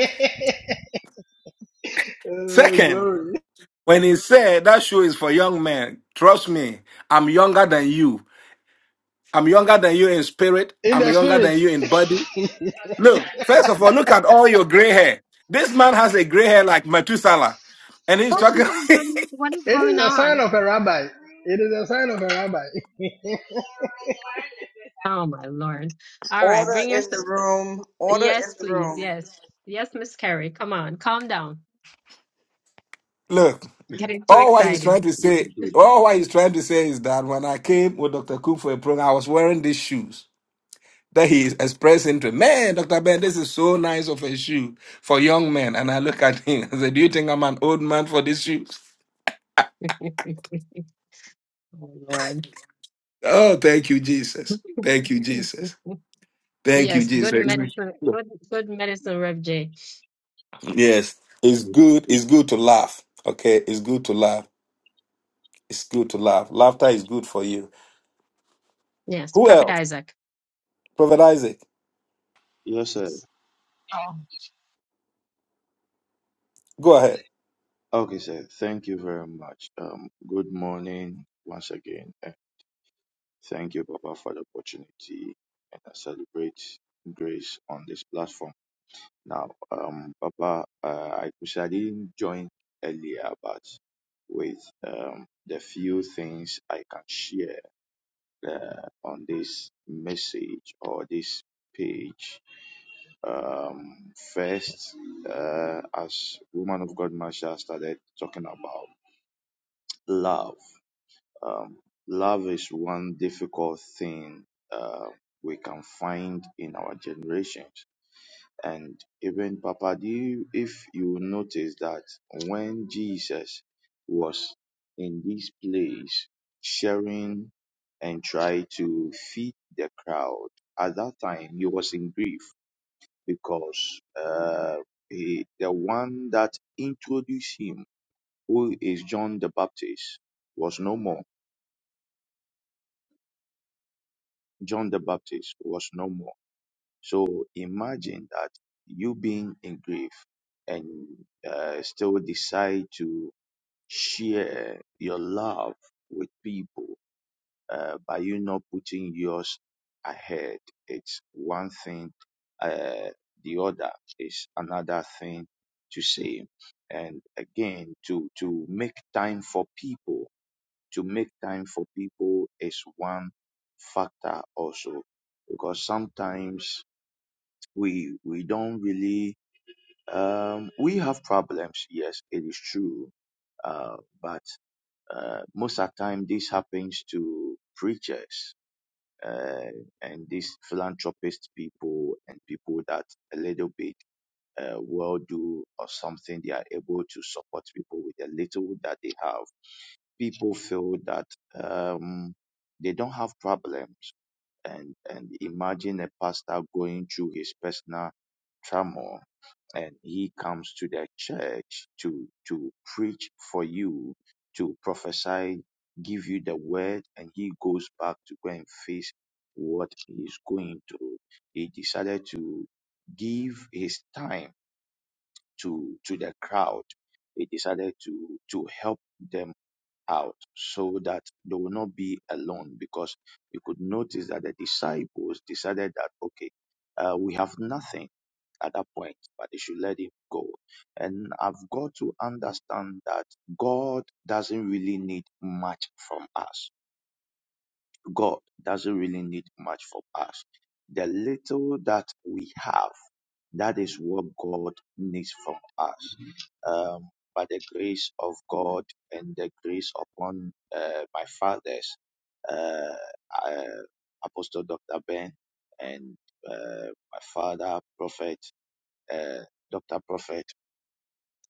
G: Uh,
A: second,
G: glory.
A: when he said that shoe is for young men, trust me, I'm younger than you. I'm younger than you in spirit.
G: In
A: I'm
G: the
A: younger
G: spirit.
A: than you in body.
G: (laughs)
A: Look, first of all, look at all your gray hair. This man has a gray hair like Methuselah. And he's
B: Oh
A: talking.
B: my
A: (laughs)
B: goodness, what is
G: It
B: going
G: is a sign
B: on?
G: of a rabbi. It is a sign of a rabbi.
B: Oh my Lord. All right,
E: Order
B: bring your.
E: in the
B: son-
E: room. Order in
B: Yes,
E: the
B: please.
E: room.
B: Yes. Yes, Miss Carrie. Come on, calm down.
A: Look,
B: Getting too
A: all what he's
B: excited.
A: trying to
H: Good,
A: say,
H: good,
A: all what he's trying to say is that when I came with Dr. Cook for a program, I was wearing these shoes. that he is expressing to Man, Dr. Ben, this is so nice of a shoe for young men. And I look at him and say, Do you think I'm an old man for these shoes?
B: (laughs) Oh Lord.
A: Oh, thank you, Jesus. Thank you, Jesus.
B: (laughs)
A: Thank you,
B: Yes,
A: Jesus.
B: good medicine. Good, good medicine, Rev J.
A: Yes, it's good. It's good to laugh. Okay, it's good to laugh. It's good to laugh. Laughter is good for you.
B: Yes,
A: Who
B: Prophet
A: else?
B: Isaac.
A: Prophet Isaac,
H: Yes, sir.
I: Oh,
A: go ahead.
H: Okay, sir. Thank you very much. Um, good morning once again. and Thank you, Papa, for the opportunity and I celebrate grace on this platform. Now, um, Papa, uh, I wish I didn't join earlier, but with um, the few things I can share. uh, on this message or this page. Um, first, uh, as Woman of God Marsha started talking about love, um, love is one difficult thing uh, we can find in our generations. And even Papa, do you, if you notice that when Jesus was in this place sharing and trying to feed the crowd, at that time he was in grief because uh, he, the one that introduced him, who is John the Baptist, was no more. John the Baptist was no more. So imagine that you being in grief and uh, still decide to share your love with people uh, by you not putting yours ahead. It's one thing, uh, the other is another thing to say. And again, to, to make time for people, to make time for people is one factor also because sometimes we we don't really um, we have problems. Yes, it is true, uh, but uh, most of the time this happens to preachers uh, and these philanthropist people and people that a little bit uh, well do or something. They are able to support people with the little that they have. People feel that um, they don't have problems. And, and imagine a pastor going through his personal trauma and he comes to the church to to preach for you to prophesy give you the word and he goes back to go and face what he is going through he decided to give his time to to the crowd he decided to to help them out so that they will not be alone because you could notice that the disciples decided that okay uh, we have nothing at that point, but they should let him go. And I've got to understand that God doesn't really need much from us. God doesn't really need much from us. The little that we have, that is what God needs from us. Um, by the grace of God and the grace upon uh, my fathers, uh, uh, Apostle Dr. Ben and uh, my father, Prophet, uh, Dr. Prophet.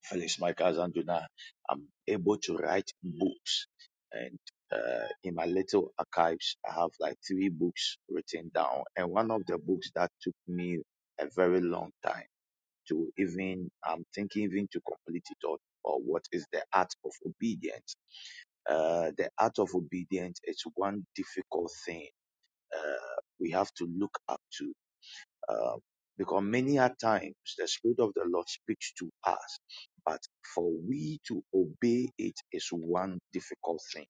H: Felix Michael Zanduna, I'm able to write books. And uh, in my little archives, I have like three books written down. And one of the books that took me a very long time to even, I'm thinking even to complete it all, or what is the art of obedience. Uh, the art of obedience is one difficult thing uh, we have to look up to uh, because many a times the Spirit of the Lord speaks to us, but for we to obey it is one difficult thing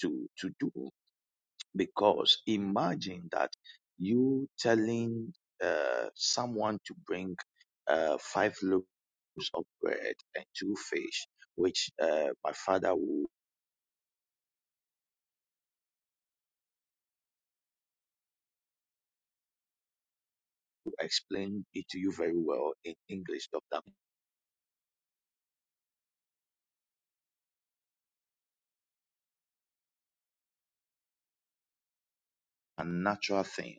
H: to, to do. Because imagine that you telling uh, someone to bring uh, five loaves of bread and two fish, which uh, my father will explain it to you very well in English, Dr. a natural thing.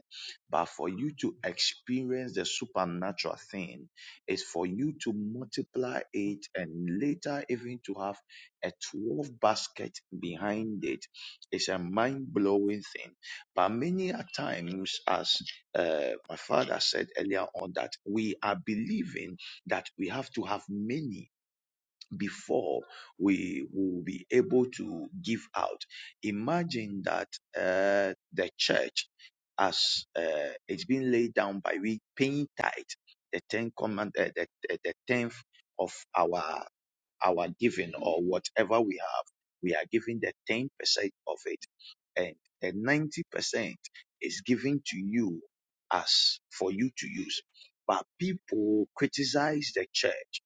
H: But for you to experience the supernatural thing is for you to multiply it and later even to have a 12 basket behind it. It's a mind blowing thing. But many a times, as uh, my father said earlier on, that we are believing that we have to have many before we will be able to give out. Imagine that uh, the church, as uh, it's been laid down by we paying tithe, the ten command, uh, the, the, the tenth of our our giving or whatever we have, we are giving the 10% of it. And the 90% is given to you as for you to use. But people criticize the church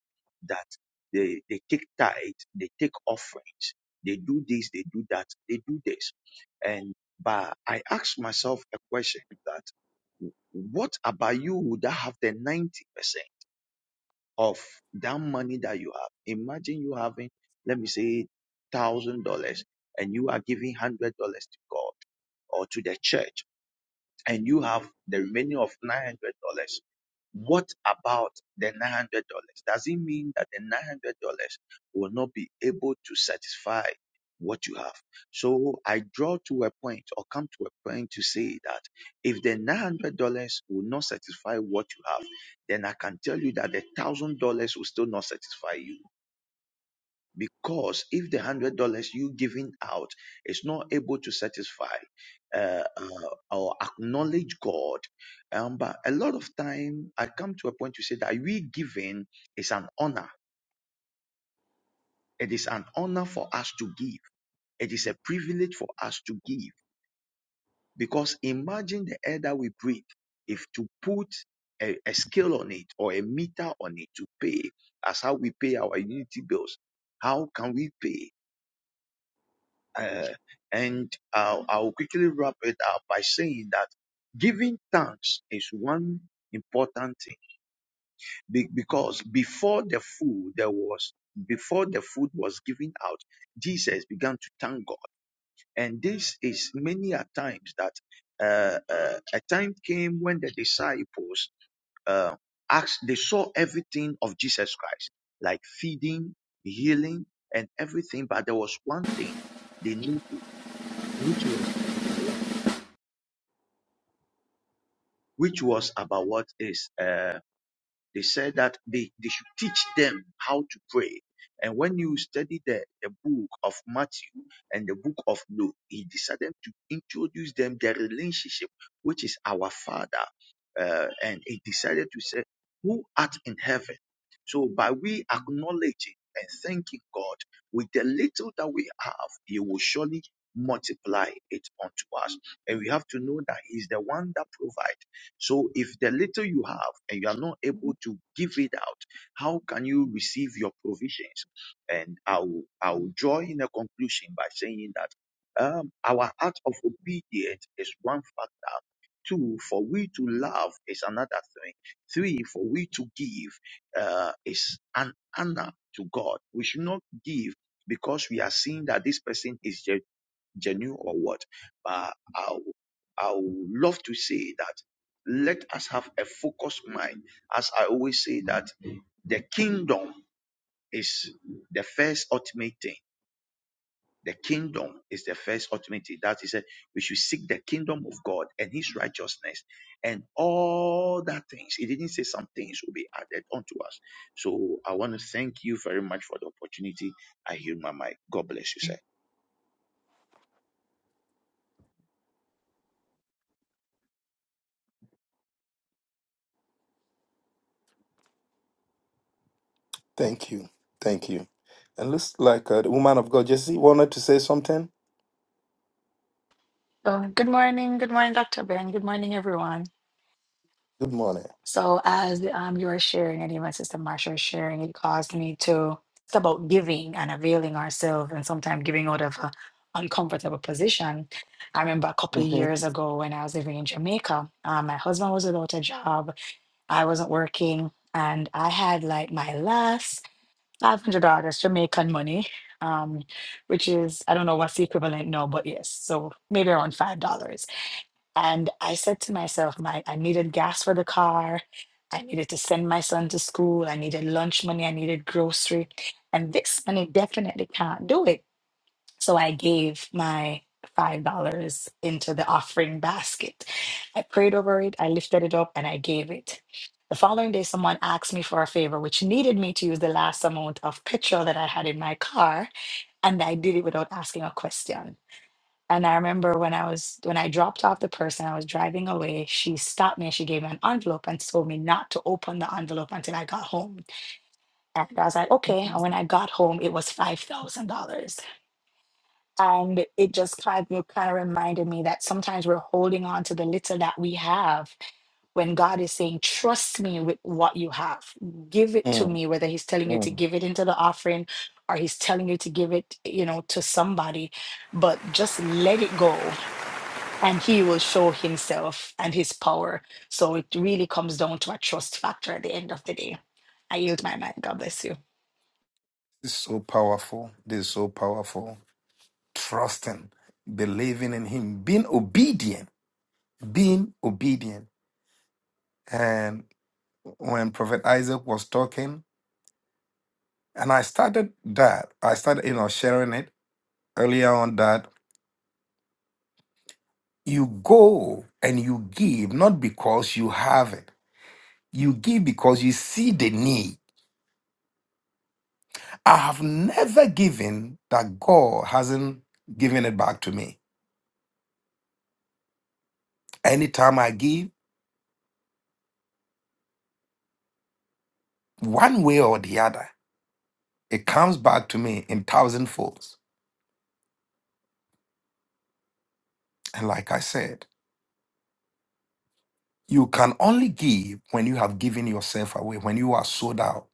H: that they, they take tithe, they take offerings, they do this, they do that, they do this. And but I ask myself a question that what about you that have the 90%? of that money that you have. Imagine you having, let me say, thousand dollars, and you are giving hundred dollars to God or to the church, and you have the remaining of $900. What about the $900? Does it mean that the $900 will not be able to satisfy what you have? So I draw to a point or come to a point to say that if the $900 will not satisfy what you have, then I can tell you that the $1,000 will still not satisfy you because if the hundred dollars you giving out is not able to satisfy uh, uh, or acknowledge God, um, but a lot of time I come to a point to say that we giving is an honor. It is an honor for us to give. It is a privilege for us to give because imagine the air that we breathe. If to put a, a scale on it or a meter on it to pay, as how we pay our utility bills, how can we pay? Uh, and I'll, I'll quickly wrap it up by saying that giving thanks is one important thing Be- because before the food there was before the food was given out jesus began to thank god and this is many a times that uh, uh, a time came when the disciples uh, asked they saw everything of jesus christ like feeding healing and everything but there was one thing they knew which was about what which was about what is uh They said that they, they should teach them how to pray. And when you study the, the book of Matthew and the book of Luke, he decided to introduce them their relationship, which is our Father. Uh, and he decided to say, Who art in heaven? So by we acknowledging and thanking God with the little that we have, He will surely multiply it unto us. And we have to know that He's the one that provides. So if the little you have and you are not able to give it out, how can you receive your provisions? And I will, I will draw in a conclusion by saying that um, our act of obedience is one factor. Two, for we to love is another thing. Three, for we to give uh, is an honor to God. We should not give because we are seeing that this person is generous genuine or what, but I w- I would love to say that let us have a focused mind. As I always say that the kingdom is the first ultimate thing. The kingdom is the first ultimate thing. That is, it. we should seek the kingdom of God and His righteousness, and all that things. He didn't say some things will be added unto us. So I want to thank you very much for the opportunity. I hear my mic. God bless you, sir.
A: Thank you. Thank you. And looks like uh, the woman of God, Jesse, wanted to say something.
I: so good morning, good morning, Dr. Ben. Good morning, everyone.
A: Good morning.
I: So, as um, you were sharing, and even Sister Marsha was sharing, it caused me to. It's about giving and availing ourselves, and sometimes giving out of an uncomfortable position. I remember a couple of years ago when I was living in Jamaica, uh, my husband was without a job, I wasn't working, and I had like my last five hundred dollars Jamaican money. Um, which is I don't know what's the equivalent now, but yes, so maybe around $5. And I said to myself, my I needed gas for the car. I needed to send my son to school. I needed lunch money. I needed grocery. And this money definitely can't do it. So I gave my $5 into the offering basket. I prayed over it. I lifted it up and I gave it. The following day, someone asked me for a favor, which needed me to use the last amount of petrol that I had in my car. And I did it without asking a question. And I remember when I was when I dropped off the person, I was driving away. She stopped me and she gave me an envelope and told me not to open the envelope until I got home. And I was like, okay. And when I got home, it was five thousand dollars. And it just kind of kind of reminded me that sometimes we're holding on to the little that we have when God is saying, trust me with what you have. Give it to
A: hmm
I: me, whether He's telling you to give it into the offering or He's telling you to give it, you know, to somebody, but just let it go and he will show himself and his power. So it really comes down to a trust factor at the end of the day. I yield my mind. God bless you.
A: This is so powerful. This is so powerful. Trusting, believing in Him, being obedient, being obedient. And when Prophet Isaac was talking, and I started that, I started, you know, sharing it earlier on that you go and you give not because you have it, you give because you see the need. I have never given that God hasn't given it back to me. Anytime I give, one way or the other. It comes back to me in thousand folds. And like I said, you can only give when you have given yourself away, when you are sold out.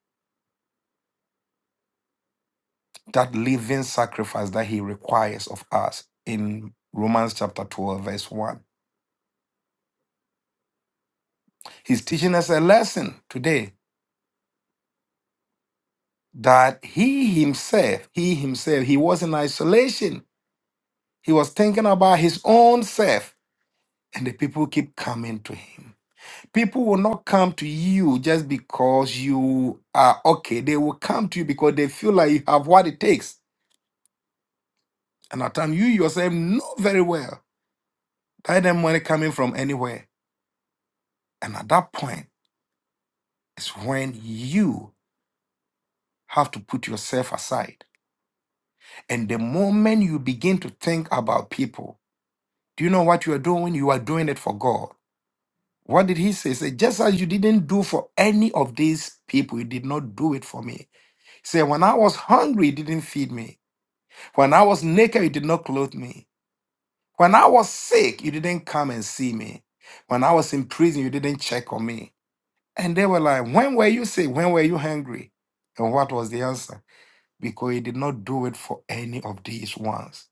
A: That living sacrifice that he requires of us in Romans chapter 12, verse 1. He's teaching us a lesson today that he himself, he himself, he was in isolation. He was thinking about his own self, and the people keep coming to him people will not come to you just because you are okay. They will come to you because they feel like you have what it takes. And at times you yourself know very well that the money coming from anywhere. And at that point is when you have to put yourself aside. And the moment you begin to think about people, do you know what you are doing? You are doing it for God. What did he say? He said, just as you didn't do for any of these people, you did not do it for me. He said, when I was hungry, you didn't feed me. When I was naked, you did not clothe me. When I was sick, you didn't come and see me. When I was in prison, you didn't check on me. And they were like, When were you sick? When were you hungry? And what was the answer? Because you did not do it for any of these ones.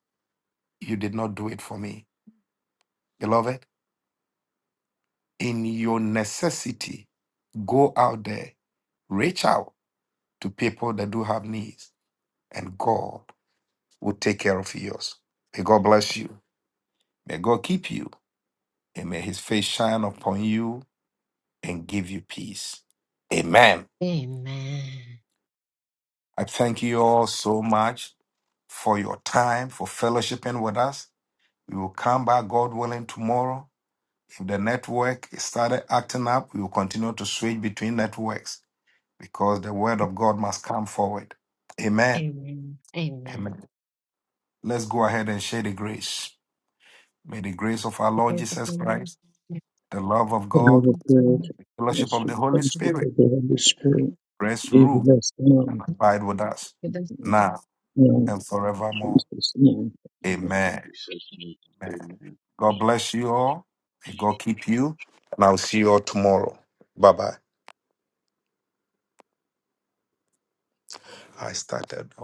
A: You did not do it for me. Beloved, in your necessity, go out there, reach out to people that do have needs, and God will take care of yours. May God bless you. May God keep you. and may his face shine upon you and give you peace. Amen.
B: Amen.
A: I thank you all so much for your time, for fellowshipping with us. We will come back, God willing, tomorrow. If the network is started acting up, we will continue to switch between networks because the word of God must come forward. Amen.
B: Amen. Amen.
A: Amen. Let's go ahead and share the grace. May the grace of our Lord Jesus Christ, the love of
C: The
A: God,
C: love of God,
A: fellowship
C: yes,
A: of
C: we
A: the Holy
C: thank you for
A: Spirit
C: the Holy Spirit.
A: rest,
C: Give
A: rule,
C: us now.
A: and abide with us now
C: Amen.
A: and
C: In
A: forevermore.
C: Jesus' name.
A: Amen. Amen.
H: Amen.
A: God bless you all. May God keep you. And I'll see you all tomorrow. Bye bye. I started.